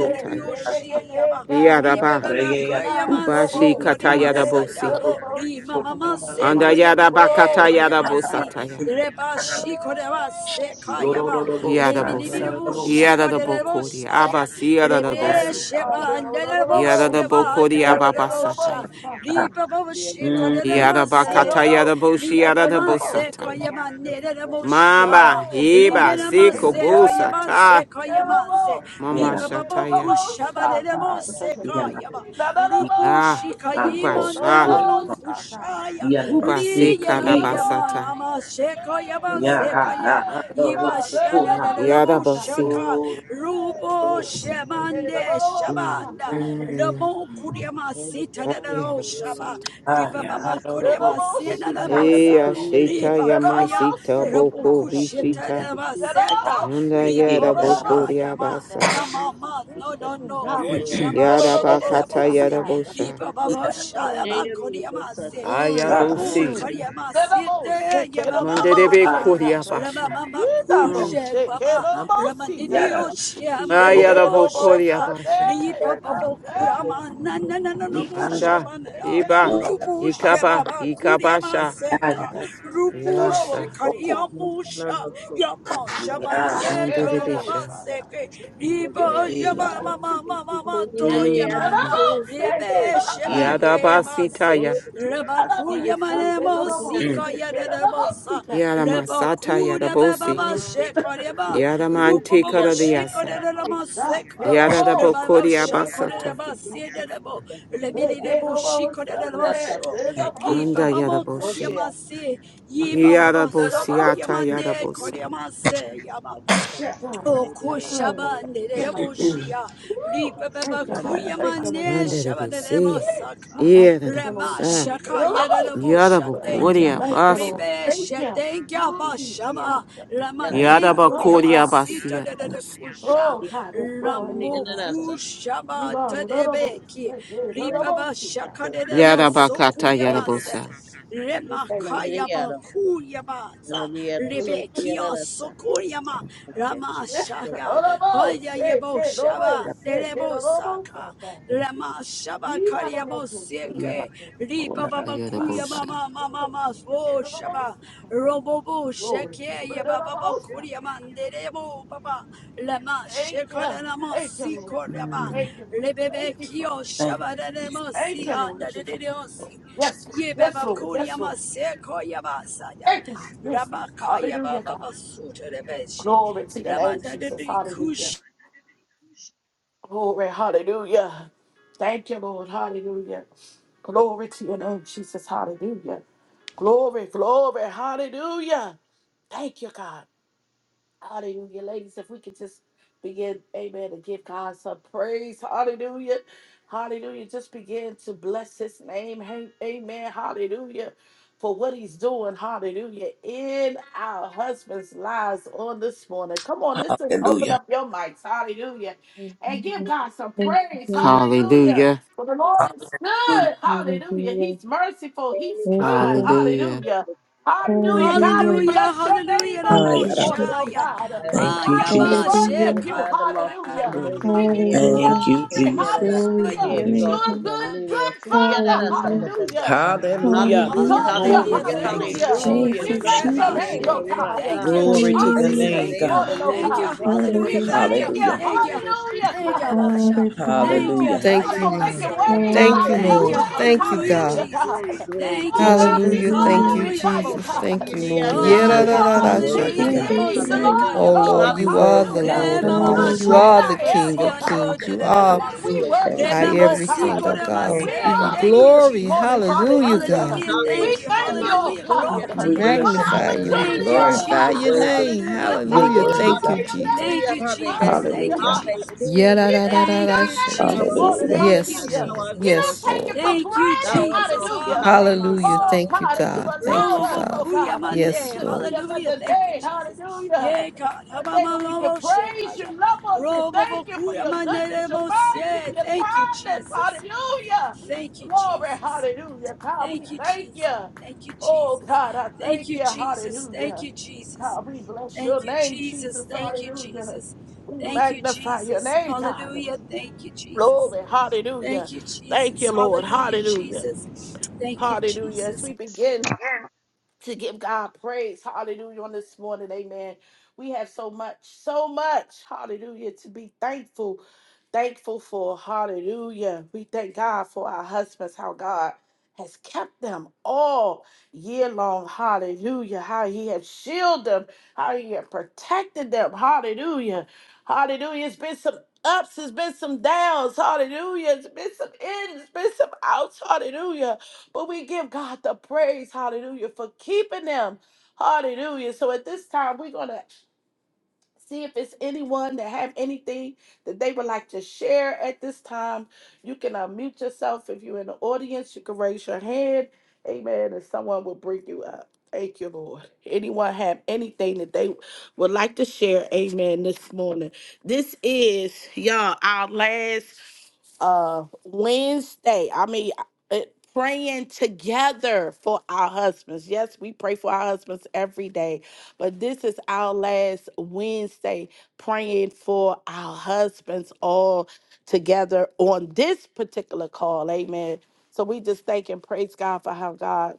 Yeah, yeah, yeah, yeah, Shiyama yeah, God. Yadaba. Ribebema Nah, Koyama no, Ubashi no, kata Sikoriama Sunday. No, Sata katayadabosi. no, no, shit, Rimama God. Anda Sekoyama yadaba De Oh, Koriama God. katayadabosataya. Si Reba Oh, Sekayaba, Father. Oh, Father. Yadabosi. Rebinidibu Oh, God. Yadabokodi. Shikarebosaya, Abasi Rebe Oh, yadabosi. Father. Sheba and No, no, no, no, oh, shit. Dereboseba, Yadabokodi yeah, No, no, no, Derebosha, ababasataya. Father. Ripa you. No, no, Yadaba no, Shikaremaseka, no, see, katayadaboshi Ripa God. No, no, no, oh, yadabosata. shit, Sekayama, God. Nereboshiama, Mama Oh, God, hiba thank Remenama you. Sekayama, sikobosata. Sekayamase, Mama Ripa Babo shataya. Kushaba, Derebosekayaba, Rupu Ah. Anabo Shikayima, Ubasha. Ora Nanano Kushaya. Yanaba Ubasi Ri ya ya Siki ya ma karabasata. mama sheka ya ma seka ya Yaha iba shana Rosukuna da da la Shaka, Yadabosi. shaka O rubo Rosi shemande Mm. shabanda Every lamo kuriama sita da Ah, da lo yadabosi. shaba riba Aya mama Robo kuriama sina la mosa Eya Nanabo shita riba kaya yamasita rabo boko kusheta bishita. da ma seta Yanda Siki yada ribo Yanabo boko shaya ma si, yabasa. na mama no no Mm, no God, we ko thank you. Lord, Yada shabanda da Lord, da da Lord, bakata Son, si yada God. bosha. riba baba Ida shaya ma Mm, kuriama se mm, Robo Abasa ayabosi bosi. mm. Lord, Koryama Lord, Lord, Sita Sick, Lord, Lord, Yamama Lord, Mama Mandebe Sick, Mama Ada kuria God. Rama basha. Mama You Lord, Suya Lord, Mm. Kushe Sick, Lord, Baba Lord, Salamu Lord, Rama Sick, God. Didio Yada tafiti Shiama pia Sick, Roko Ayada sakini Lord, Robo Lord, boko Lord, Shaka yabashata. Sunday, Ripa Yana Babo Sunday. Kurama kitatoka Nanana wakiwa Robo Ikana Anda. Shamanara Iba. Ora Rubu Basa Ikaba. Shebaba Kuryama na Ikabasha. Seka Ada Yes, God. Lord, Rubu Lord, Lord, Yasa. Sick, Roko God. kulingana Shikariamusha na Lord, kosi ya Yama kasa Lord, Yana Shamane Tonama Mandebisha. kitatoka Seke Yeah. kujadili Ripa hii Yama Yada Mama Yeah. Mama Woo! Mama To kuniani Mm. Yama alito ndio Rebe sasa Iya Shebaka Yada Yamasi kwa basitaya. asili Rabakuya manemo kurutumia sikaya demosa Yada kila masata yada kata Rabakuya bosi. baba lete shekareba Yada Rupo mantika kukumbia babo yasa. shikore rama seka Yadabo Rababa Kodia shakore Basata. rama siedebo Rebidi sasa debo shikore rama so sasa Li Anda baba mo kuya Yadaboshi. Oshia masi Yi baba so kuya Yadabosiata mande korea Yadabosai. mase O koşaba nerere boşya, ripe Thank baba you, God. kurya Ayada Thank you, Basa Lord. mane Anda the şaba nerere BC. masaka, thank you, Lord rema Jesus. Yadabosa. şaka yerere boşa dekya, Yadabokodia Thank you, Lord. Basa. ripe Thank you. şedekya Oh, God. başaba, rema ne Ayada Lord kurya of Thank Yadabokodia God. masita Basia. nerere Basa Bosa. kuşa, Oh, God, it's well able, ramu God. You kuşaba are the Lord of terebeki, strength, the Lord of ripe baba mercy, şaka God. nerere maso Yadabakata We kurya thank you. mas, God. Yadabosa. We thank you. Remakayaba Kuryabaza Lord. We- Rebekia Sokuryama Rama Shaya Lord of all Haya sick, Yebo kid, Lord of all Shaba sick, kid, Derebo Lord of all Saka sick, God. Rama Shaba You are the Lord Karyamo of all sick, Seke God. Ripa Baba Yabakunarabasa. Kuyama Yadabosa. Lord of Mama all Mama sick, kid, Fo Lord of all Shaba sick, God. Robobo Glory, Sheke glory, Lord of Yababa all sick, God. Kuryaman Derebo Baba Lama Thank you. Shekaranama Thank you, Lord. Sikoryama Hallelujah. Thank you, Lord. Thank you, Rebebekio Father. Thank you, Shaba Jesus. Deremo Thank you, Sia Lord Jesus. Nadedeosi Yes, Lord. Ye yes, baba Lord. koria Yes, Lord. masse koria basa ya. Thank you, God. Yes, God. Hallelujah, baba God. basuta rebeshi. Glory to your name, Ramanda de Jesus. Hallelujah. kush. Glory, hallelujah. Thank you, Lord. Hallelujah. Glory to your name, Jesus. Hallelujah. Glory, glory, hallelujah. Thank you, God. Hallelujah, ladies. If we could just begin, amen, to give God some praise. Hallelujah. Hallelujah. Just begin to bless his name. Hey, Amen. Hallelujah. For what he's doing. Hallelujah. In our husbands' lives on this morning. Come on, this is open Hallelujah. up your mics. Hallelujah. And give Hallelujah. God some Thank you, praise. God. Hallelujah. Hallelujah. For the Lord is good. Hallelujah. Hallelujah. Hallelujah. He's merciful. He's Thank you, kind. God. Hallelujah. Hallelujah. Hallelujah, God, you. we Hallelujah. Hallelujah, bless your name hallelujah, on Thank Ah, this rabo you, morning, yarabara. oh shaya. Jesus. God. Ah, Thank you, Father, we Jesus. yaba worship the Hallelujah. you, sheka. Son, the Lost One, hallelujah. the Holy We One, give yada you yada, Hallelujah. Thank you, yada glory, yada, Jesus. Glory to hallelujah. the your name, You're Exalted a God. One, good, Emilio, good Surya, da Father, da, sa ta Hallelujah. hallelujah. And we Hallelujah. Hallelujah, exalt you, Hallelujah. Glory Hallelujah. to hallelujah, your Thank you, name, hallelujah. God. Thank hallelujah. We you, Jesus. Blessed bless be your the Jesus. name, name of Ebashe. the oh Lord our God. Thank God. you, We Glory to your honor Blessed Jesus. be you Hallelujah. the name, this Thank you. name of the morning, God. oh Lord Thank you. who is God. Hallelujah. We victorious. He Thank Hallelujah. thank you. can you, keep Hallelujah. you Thank you. the hallelujah, Surya, Thank da you, da, God. sa Basha. ta Hallelujah. Thank you, Oh, Hallelujah. God, Thank you, for making Lord. Hayamasa. king. Yaba. ways Thank out you, of Hallelujah. no Thank Lord. you. Hallelujah. ways. Thank you, Hallelujah, Glory, Hallelujah, God. Jesus. glory, God. glory, Thank you, Oh glory. God, we Jesus. Hallelujah. Thank you, Hallelujah. Hallelujah, glorify you, Jesus. to Labosha. God. Thank your you, Lord. name, Yes, God, Thank Oh Lord. you Lord. you, God, You're are the God. King worthy, hallelujah. of Yedadadadashati. Dear God. Kings, the Hallelujah. Moseka, Lord Hallelujah. of Oh, Lord, Hallelujah. Lords. You're you Yababasa. are worthy, the Hallelujah. Eh, God. Lord Hallelujah. of Mama You're Lords. the You Hallelujah. great Hallelujah. Masheko, are the de I am, King oh of God. Mosiano, Kings. da You da da da are And we Maso. Hallelujah. Glory, glory, worship De Thank our you. you, Mama glory. oh God. everything, Siko, oh glory de glory to God. the We We Thank you, give Mase. you name God. of honor Jesus. Thank you you, this glory. morning. Jesus. Hallelujah, Hallelujah. God. Hallelujah. Hallelujah. We Thank Yes, you. thank Lord. you, oh Hallelujah. God, We Hallelujah. Glory to None We your like for name. bless you. the your magnify you. None holy We name, like Thank opportunity, you, you, God. oh God. glorify You're None your Jesus. like God, you, worthy. name. God. to my Hallelujah. God. You're Thank Hallelujah. you, worthy, call Thank Jesus. you, on God. your Jesus. Thank Hallelujah. you, Hallelujah. Jesus. name. Thank you, Hallelujah. Hallelujah. Jesus. We Hallelujah. bless Thank your you, name Thou Yedadadadadashati. this art Jesus. morning. Hallelujah. Thank you, Yes, magnified. Hallelujah. Thou Lord. art We Jesus. don't Yes, glorified. take it Lord. for Thank you, Thou granted. art Jesus. lofty. Oh, Hallelujah. Mama Hallelujah. Hallelujah. Oh, Thank Messiah. Thank you, you, God, that you God. Jesus. Thank Thank you, allowed us, you. oh, Father. God, Yes, Robobokoyamande. to Lord. see Hallelujah. another Thank you, day. Jesus. Hallelujah. Yeah, God. A day that we can praise you, Habamamamoshekaya. love on you, thank you for your Robobokoyamande goodness, your mercy, remosye. your Thank you, kindness. Jesus. Hallelujah. Thank you, Glory. Jesus. Hallelujah. God, Thank we you, thank Jesus. you. Thank you, Oh, Jesus. God, I Thank thank you, you. Jesus. Thank Hallelujah. you, Jesus. God, we bless Thank your you, name, Jesus. Jesus. Thank you, Hallelujah. Jesus. We Thank you, magnify your Jesus. name, God. Hallelujah. Thank you, Jesus. Glory. Hallelujah. Thank you, Thank Jesus. you, Lord. Hallelujah, Hallelujah. Jesus. Thank you, Hallelujah. As Jesus. we begin to give God praise. Hallelujah. On this morning, amen. We have so much, so much, hallelujah, to be thankful, thankful for. Hallelujah. We thank God for our husbands, how God has kept them all year long. Hallelujah. How he has shielded them, how he has protected them. Hallelujah. Hallelujah. It's been some ups, it's been some downs. Hallelujah. It's been some ins, it's been some outs. Hallelujah. But we give God the praise, hallelujah, for keeping them. Hallelujah. So at this time, we're going to see if it's anyone that have anything that they would like to share at this time. You can unmute yourself. If you're in the audience, you can raise your hand. Amen. And someone will bring you up. Thank you, Lord. Anyone have anything that they would like to share? Amen. This morning. This is, y'all, our last uh Wednesday. I mean, uh, praying together for our husbands. Yes, we pray for our husbands every day, but this is our last Wednesday praying for our husbands all together on this particular call. Amen. So we just thank and praise God for how God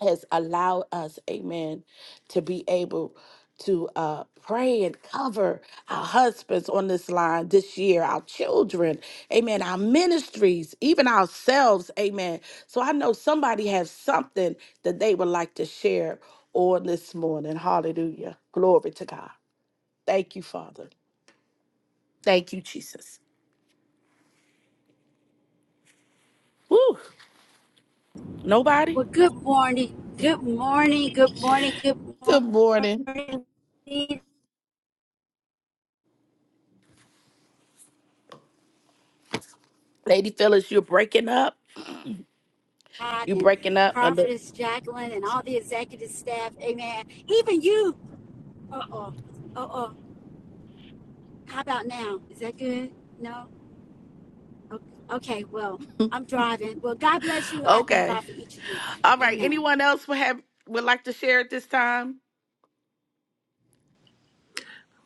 has allowed us, amen, to be able to uh, pray and cover our husbands on this line this year, our children, amen, our ministries, even ourselves, amen. So I know somebody has something that they would like to share on this morning. Hallelujah. Glory to God. Thank you, Father. Thank you, Jesus. Woo. Nobody? Well, good morning. Good morning. Good morning. Good Good morning. morning. Lead Lady Phyllis, you're breaking up. God You and breaking up a little. Prophetess Jacqueline and all the executive staff. Amen. Even you. Uh oh. Uh oh. How about now? Is that good? No? O- Okay. Well, I'm driving. Well, God bless you. I thank Okay. God for each of you. All right. Amen. Anyone else would have would like to share at this time?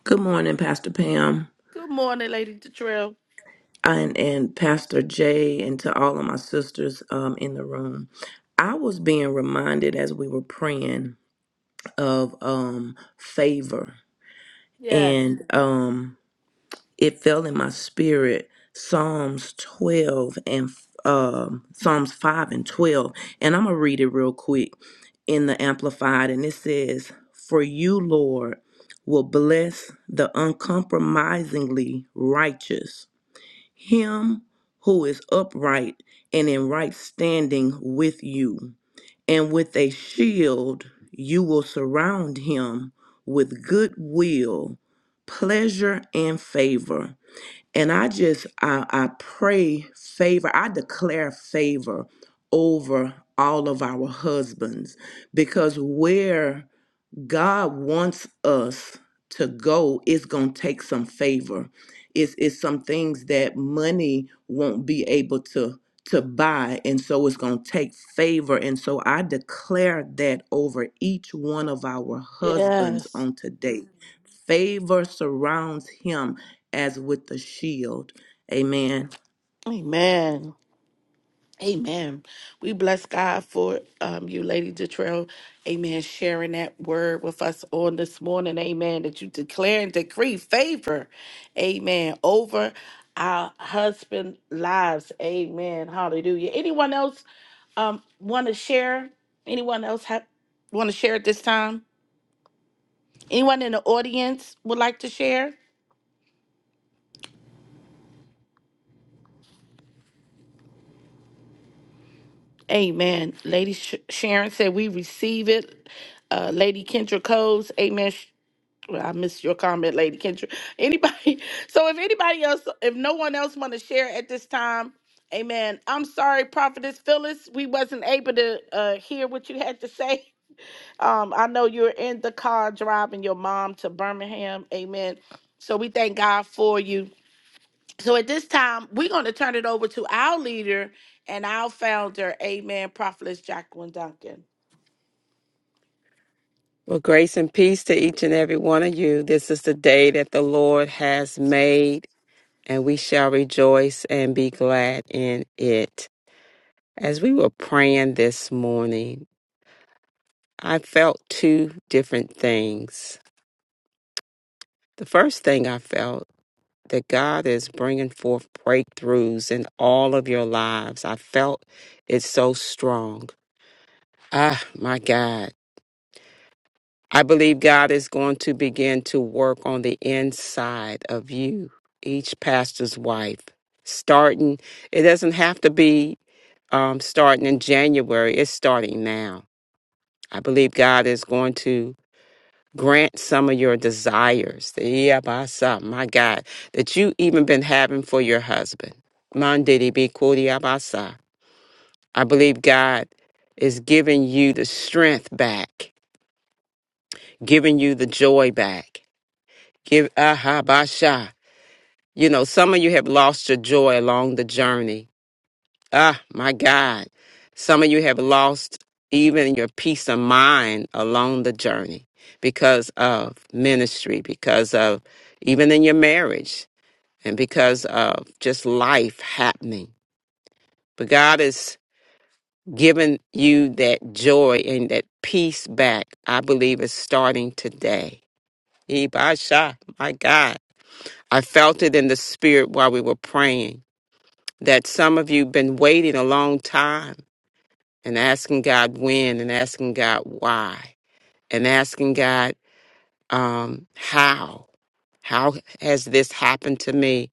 Good morning, Pastor Pam Good morning, Lady Detrell. and, and Pastor Jay, and to all of my sisters um, in the room. I was being reminded as we were praying of um, favor. Yes. And um, it fell in my spirit psalms 12 and um, psalms 5 and 12 and i'm gonna read it real quick in the amplified and it says for you lord will bless the uncompromisingly righteous him who is upright and in right standing with you and with a shield you will surround him with goodwill, pleasure and favor and I just I, I pray favor. I declare favor over all of our husbands because where God wants us to go, it's going to take some favor. It's, it's some things that money won't be able to to buy and so it's going to take favor and so I declare that over each one of our husbands Yes. on today. Favor surrounds him as with the shield. Amen. Amen. Amen. We bless God for um, you, Lady Detrell. Amen. Sharing that word with us on this morning. Amen. That you declare and decree favor. Amen. Over our husband lives. Amen. Hallelujah. Anyone else um want to share? Anyone else have want to share at this time? Anyone in the audience would like to share? Amen. Lady Sh- Sharon said, We receive it. Uh, Lady Kendra Coles, Amen. Sh- well, I missed your comment, Lady Kendra. Anybody? So, if anybody else, if no one else want to share at this time, Amen. I'm sorry, Prophetess Phyllis, we wasn't able to uh, hear what you had to say. Um, I know you're in the car driving your mom to Birmingham. Amen. So we thank God for you. So at this time, we're going to turn it over to our leader and our founder, Amen, Prophetess Jacqueline Duncan. Well, grace and peace to each and every one of you. This is the day that the Lord has made, and we shall rejoice and be glad in it. As we were praying this morning, I felt two different things. The first thing I felt that God is bringing forth breakthroughs in all of your lives. I felt it so strong. Ah, my God. I believe God is going to begin to work on the inside of you, each pastor's wife. Starting, it doesn't have to be um, starting in January, it's starting now. I believe God is going to grant some of your desires, the Yabasa, my God, that you even been having for your husband. Mandidi be kudi Yabasa. I believe God is giving you the strength back, giving you the joy back. Give aha basha. You know, some of you have lost your joy along the journey Ah, my God. Some of you have lost even your peace of mind along the journey because of ministry, because of even in your marriage, and because of just life happening. But God is giving you that joy and that peace back. I believe is starting today. Ibasha, my God. I felt it in the spirit while we were praying that some of you have been waiting a long time and asking God when and asking God why and asking God um, how. How has this happened to me?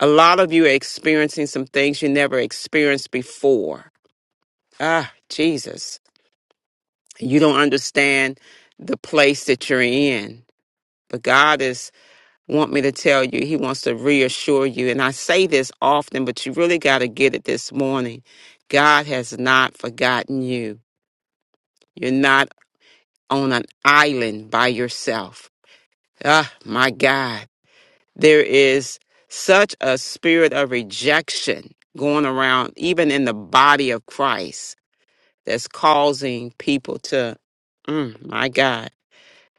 A lot of you are experiencing some things you never experienced before. Ah, Jesus. You don't understand the place that you're in. But God is want me to tell you, He wants to reassure you. And I say this often, but you really got to get it this morning. God has not forgotten you. You're not on an island by yourself. Ah, my God. There is such a spirit of rejection going around, even in the body of Christ, that's causing people to, mm, my God,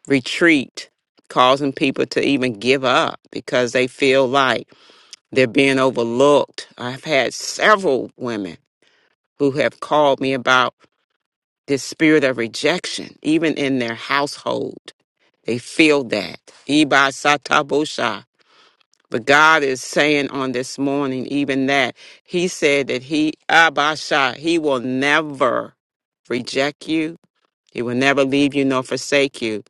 retreat, causing people to even give up because they feel like they're being overlooked. I've had several women who have called me about. This spirit of rejection, even in their household, they feel that. Ibai Satabosha. But God is saying on this morning, even that, He said that He, Abasha, He will never reject you. He will never leave you nor forsake you.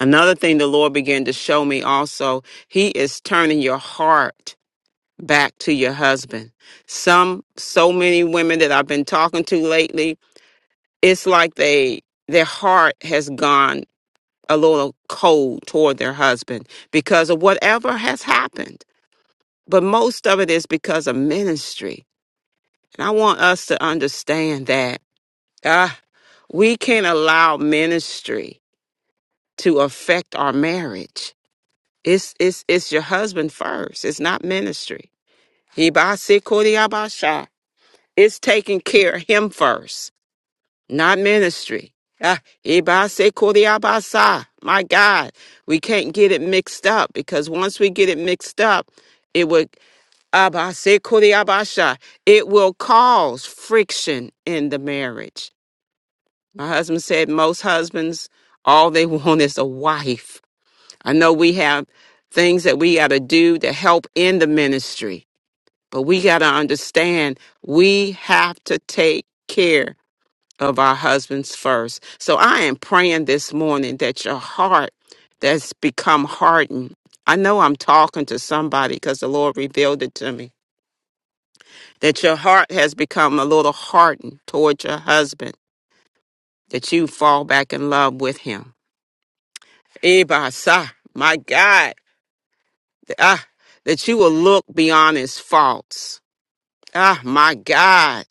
Another thing the Lord began to show me also, He is turning your heart back to your husband. Some, so many women that I've been talking to lately, it's like they their heart has gone a little cold toward their husband because of whatever has happened but most of it is because of ministry and i want us to understand that uh, we can't allow ministry to affect our marriage it's it's it's your husband first it's not ministry Hibasi kodiabasha. it's taking care of him first not ministry. Ah, Ibase Kuriabasa. My God, we can't get it mixed up because once we get it mixed up, it would Abase Kuriabasha. It will cause friction in the marriage. My husband said most husbands, all they want is a wife. I know we have things that we got to do to help in the ministry, but we got to understand we have to take care of our husbands first. So I am praying this morning that your heart that's become hardened. I know I'm talking to somebody because the Lord revealed it to me that your heart has become a little hardened toward your husband, that you fall back in love with him. Ebasa, my God, ah, that you will look beyond his faults. Ah, my God,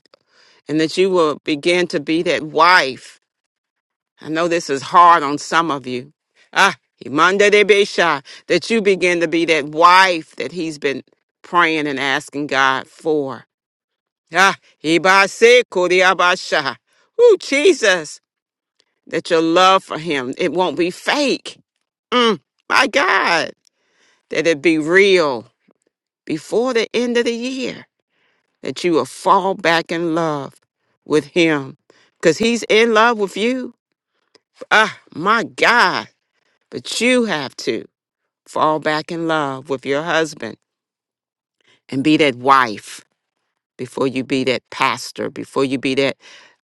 and that you will begin to be that wife I know this is hard on some of you. Ah, Imanda de Besha, that you begin to be that wife that he's been praying and asking God for. Ah, Ibase Kodiabasha. Ooh, Jesus, that your love for him, it won't be fake. Mm, my God, that it be real before the end of the year, that you will fall back in love with him because he's in love with you. Ah, my God, but you have to. fall back in love with your husband and be that wife before you be that pastor, before you be that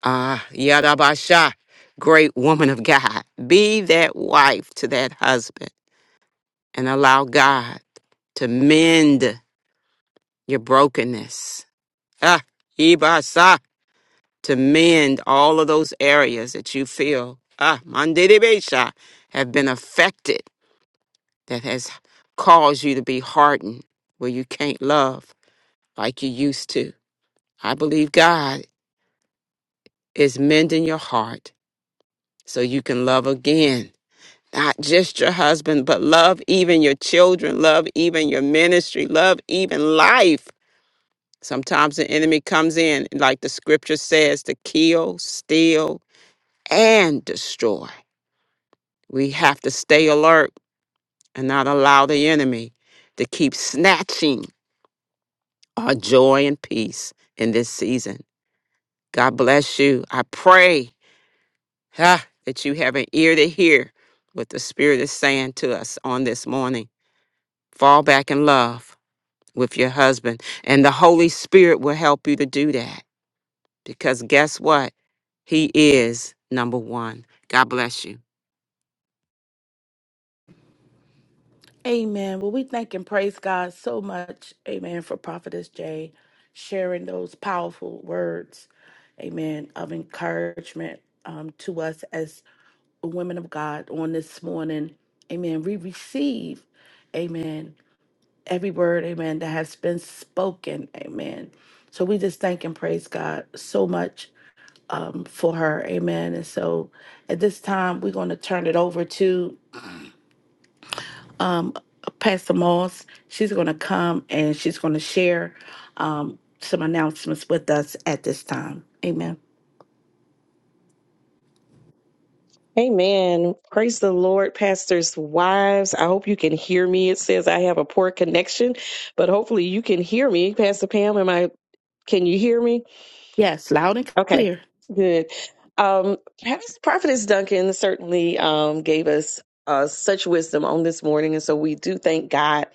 uh Yadabasha, great woman of God. Be that wife to that husband and allow God to mend your brokenness. Ah, Ibasa, to mend all of those areas that you feel ah Mandidibesha have been affected that has caused you to be hardened where you can't love like you used to. I believe God is mending your heart so you can love again. Not just your husband, but love even your children, love even your ministry, love even life. Sometimes the enemy comes in, like the scripture says, to kill, steal, and destroy. We have to stay alert and not allow the enemy to keep snatching our joy and peace in this season. God bless you. I pray Ha! That you have an ear to hear what the Spirit is saying to us on this morning. Fall back in love with your husband, and the Holy Spirit will help you to do that. Because guess what? He is number one. God bless you. Amen. Well, we thank and praise God so much, Amen, for Prophetess Jay sharing those powerful words, Amen, of encouragement um, to us as women of God on this morning. Amen. We receive, Amen, every word, Amen, that has been spoken, Amen. So we just thank and praise God so much um, for her. Amen. And so at this time, we're going to turn it over to um, Pastor Moss. She's going to come and she's going to share um, some announcements with us at this time. Amen. Amen. Praise the Lord, pastors' wives. I hope you can hear me. It says I have a poor connection, but hopefully you can hear me. Pastor Pam, am I can you hear me? Yes, loud and Okay, clear. good. Um, Prophet- Prophetess Duncan certainly um, gave us uh, such wisdom on this morning, and so we do thank God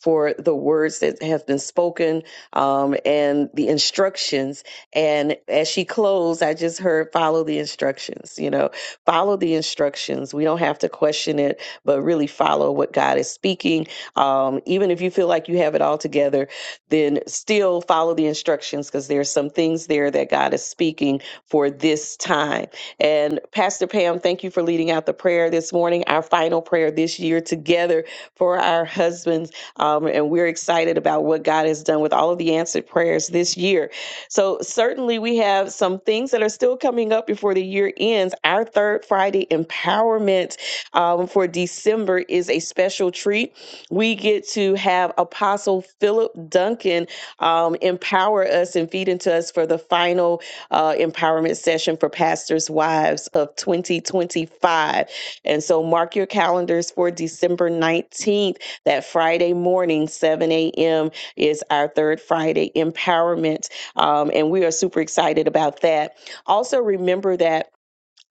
for the words that have been spoken um, and the instructions. And as she closed, I just heard follow the instructions. You know, follow the instructions. We don't have to question it, but really follow what God is speaking. Um, even if you feel like you have it all together, then still follow the instructions because there's some things there that God is speaking for this time. And Pastor Pam, thank you for leading out the prayer this morning, our final prayer this year together for our husbands. Um, and we're excited about what God has done with all of the answered prayers this year. So, certainly, we have some things that are still coming up before the year ends. Our third Friday empowerment um, for December is a special treat. We get to have Apostle Philip Duncan um, empower us and feed into us for the final uh, empowerment session for pastors' wives of 2025. And so mark your calendars for December 19th, that Friday morning, 7 a.m. is our third Friday empowerment. Um, and we are super excited about that. Also, remember that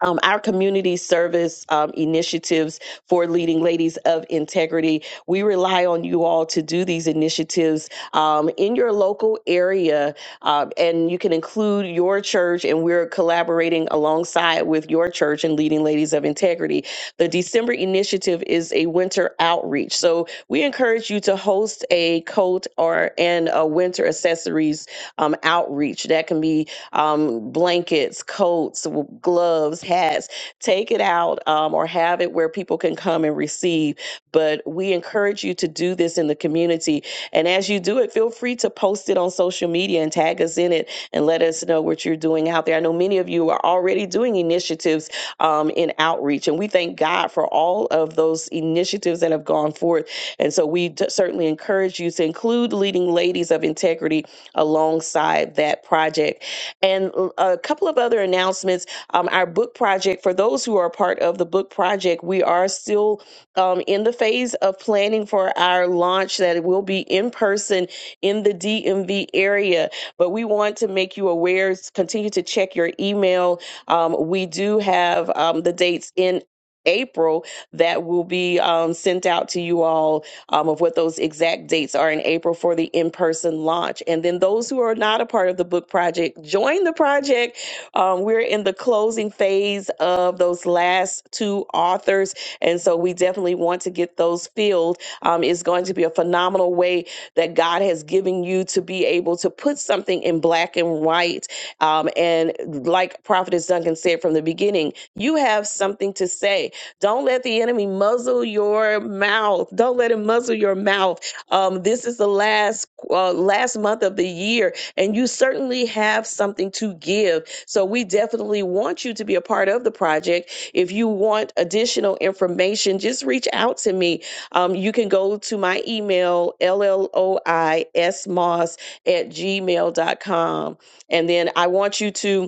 um, our community service um, initiatives for leading ladies of integrity. We rely on you all to do these initiatives um, in your local area, um, and you can include your church, and we're collaborating alongside with your church and leading ladies of integrity. The December initiative is a winter outreach, so we encourage you to host a coat or and a winter accessories um, outreach that can be um, blankets, coats, gloves, hats. Take it out um, or have it where people can come and receive. But we encourage you to do this in the community. And as you do it, feel free to post it on social media and tag us in it and let us know what you're doing out there. I know many of you are already doing initiatives um, in outreach, and we thank God for all of those initiatives that have gone forth. And so we d- certainly encourage you to include leading ladies of integrity alongside that project and a couple of other announcements. Um, our book project, for those who are part of the book project, we are still um, in the phase of planning for our launch that will be in person in the DMV area. But we want to make you aware, continue to check your email. Um, we do have um, the dates in April that will be um, sent out to you all um, of what those exact dates are in April for the in person launch. And then those who are not a part of the book project, join the project. Um, we're in the closing phase of those last two authors. And so we definitely want to get those filled. Um, it's going to be a phenomenal way that God has given you to be able to put something in black and white. Um, and like Prophetess Duncan said from the beginning, you have something to say don't let the enemy muzzle your mouth. Don't let him muzzle your mouth. Um, this is the last uh, last month of the year, and you certainly have something to give. So we definitely want you to be a part of the project. If you want additional information, just reach out to me. Um, you can go to my email, lloismos at gmail dot com, And then I want you to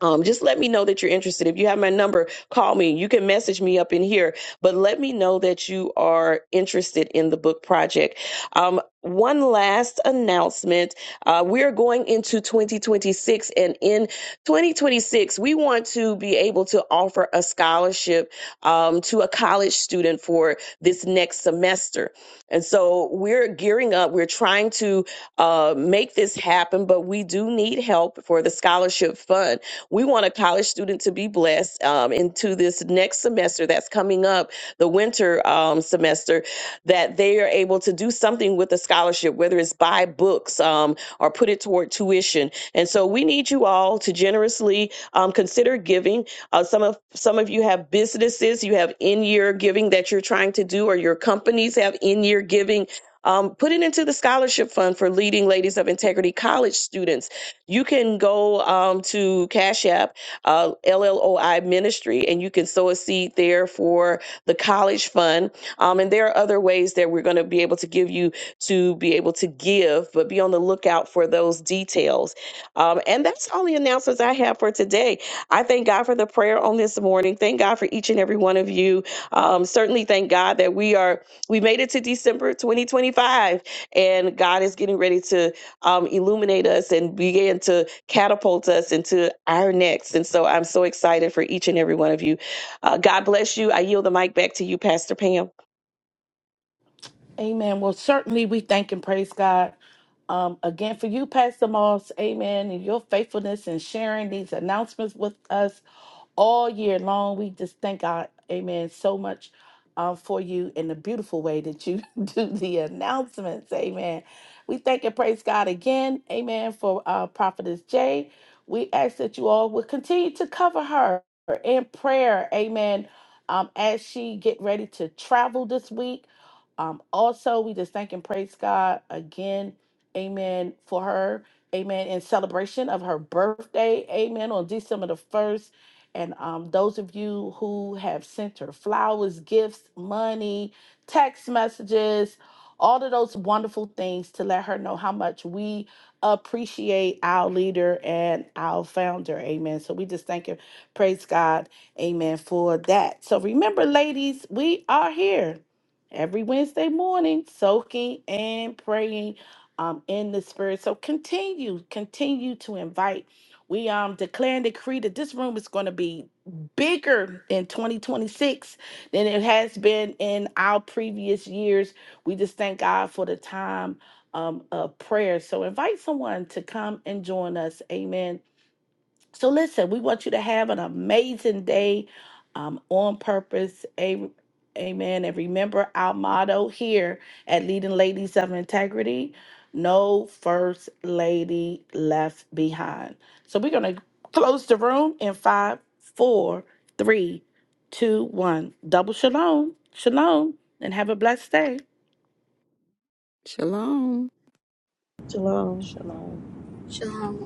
um, just let me know that you're interested. If you have my number, call me. You can message me up in here, but let me know that you are interested in the book project. Um, one last announcement. Uh, we are going into 2026, and in 2026, we want to be able to offer a scholarship um, to a college student for this next semester. And so we're gearing up, we're trying to uh, make this happen, but we do need help for the scholarship fund. We want a college student to be blessed um, into this next semester that's coming up, the winter um, semester, that they are able to do something with the scholarship, whether it's buy books um, or put it toward tuition. And so we need you all to generously um, consider giving. Uh, some of some of you have businesses, you have in-year giving that you're trying to do, or your companies have in-year giving um, put it into the scholarship fund for leading ladies of integrity college students you can go um, to Cash App, uh, LLOI Ministry, and you can sow a seed there for the college fund. Um, and there are other ways that we're going to be able to give you to be able to give, but be on the lookout for those details. Um, and that's all the announcements I have for today. I thank God for the prayer on this morning. Thank God for each and every one of you. Um, certainly thank God that we are, we made it to December 2025, and God is getting ready to um, illuminate us and begin to catapult us into our next. And so I'm so excited for each and every one of you. Uh, God bless you. I yield the mic back to you, Pastor Pam. Amen. Well, certainly we thank and praise God um, again for you, Pastor Moss. Amen. And your faithfulness in sharing these announcements with us. all year long. We just thank God, amen, so much uh, for you in the beautiful way that you do the announcements, amen. We thank and praise God again, amen, for uh, Prophetess Jay. We ask that you all will continue to cover her in prayer, amen, um, as she get ready to travel this week. Um, also, we just thank and praise God again, amen, for her, amen, in celebration of her birthday, amen, on December the 1st. And um, those of you who have sent her flowers, gifts, money, text messages, all of those wonderful things to let her know how much we appreciate our leader and our founder. Amen. So we just thank you. Praise God. Amen for that. So remember, ladies, we are here every Wednesday morning, soaking and praying um, in the spirit. So continue, continue to invite we um declare and decree that this room is going to be bigger in 2026 than it has been in our previous years. We just thank God for the time um, of prayer. So invite someone to come and join us. Amen. So listen, we want you to have an amazing day um, on purpose. A- amen. And remember our motto here at Leading Ladies of Integrity no first lady left behind. So we're going to close the room in five, four, three, two, one. Double shalom. Shalom. And have a blessed day. Shalom. Shalom. Shalom. Shalom.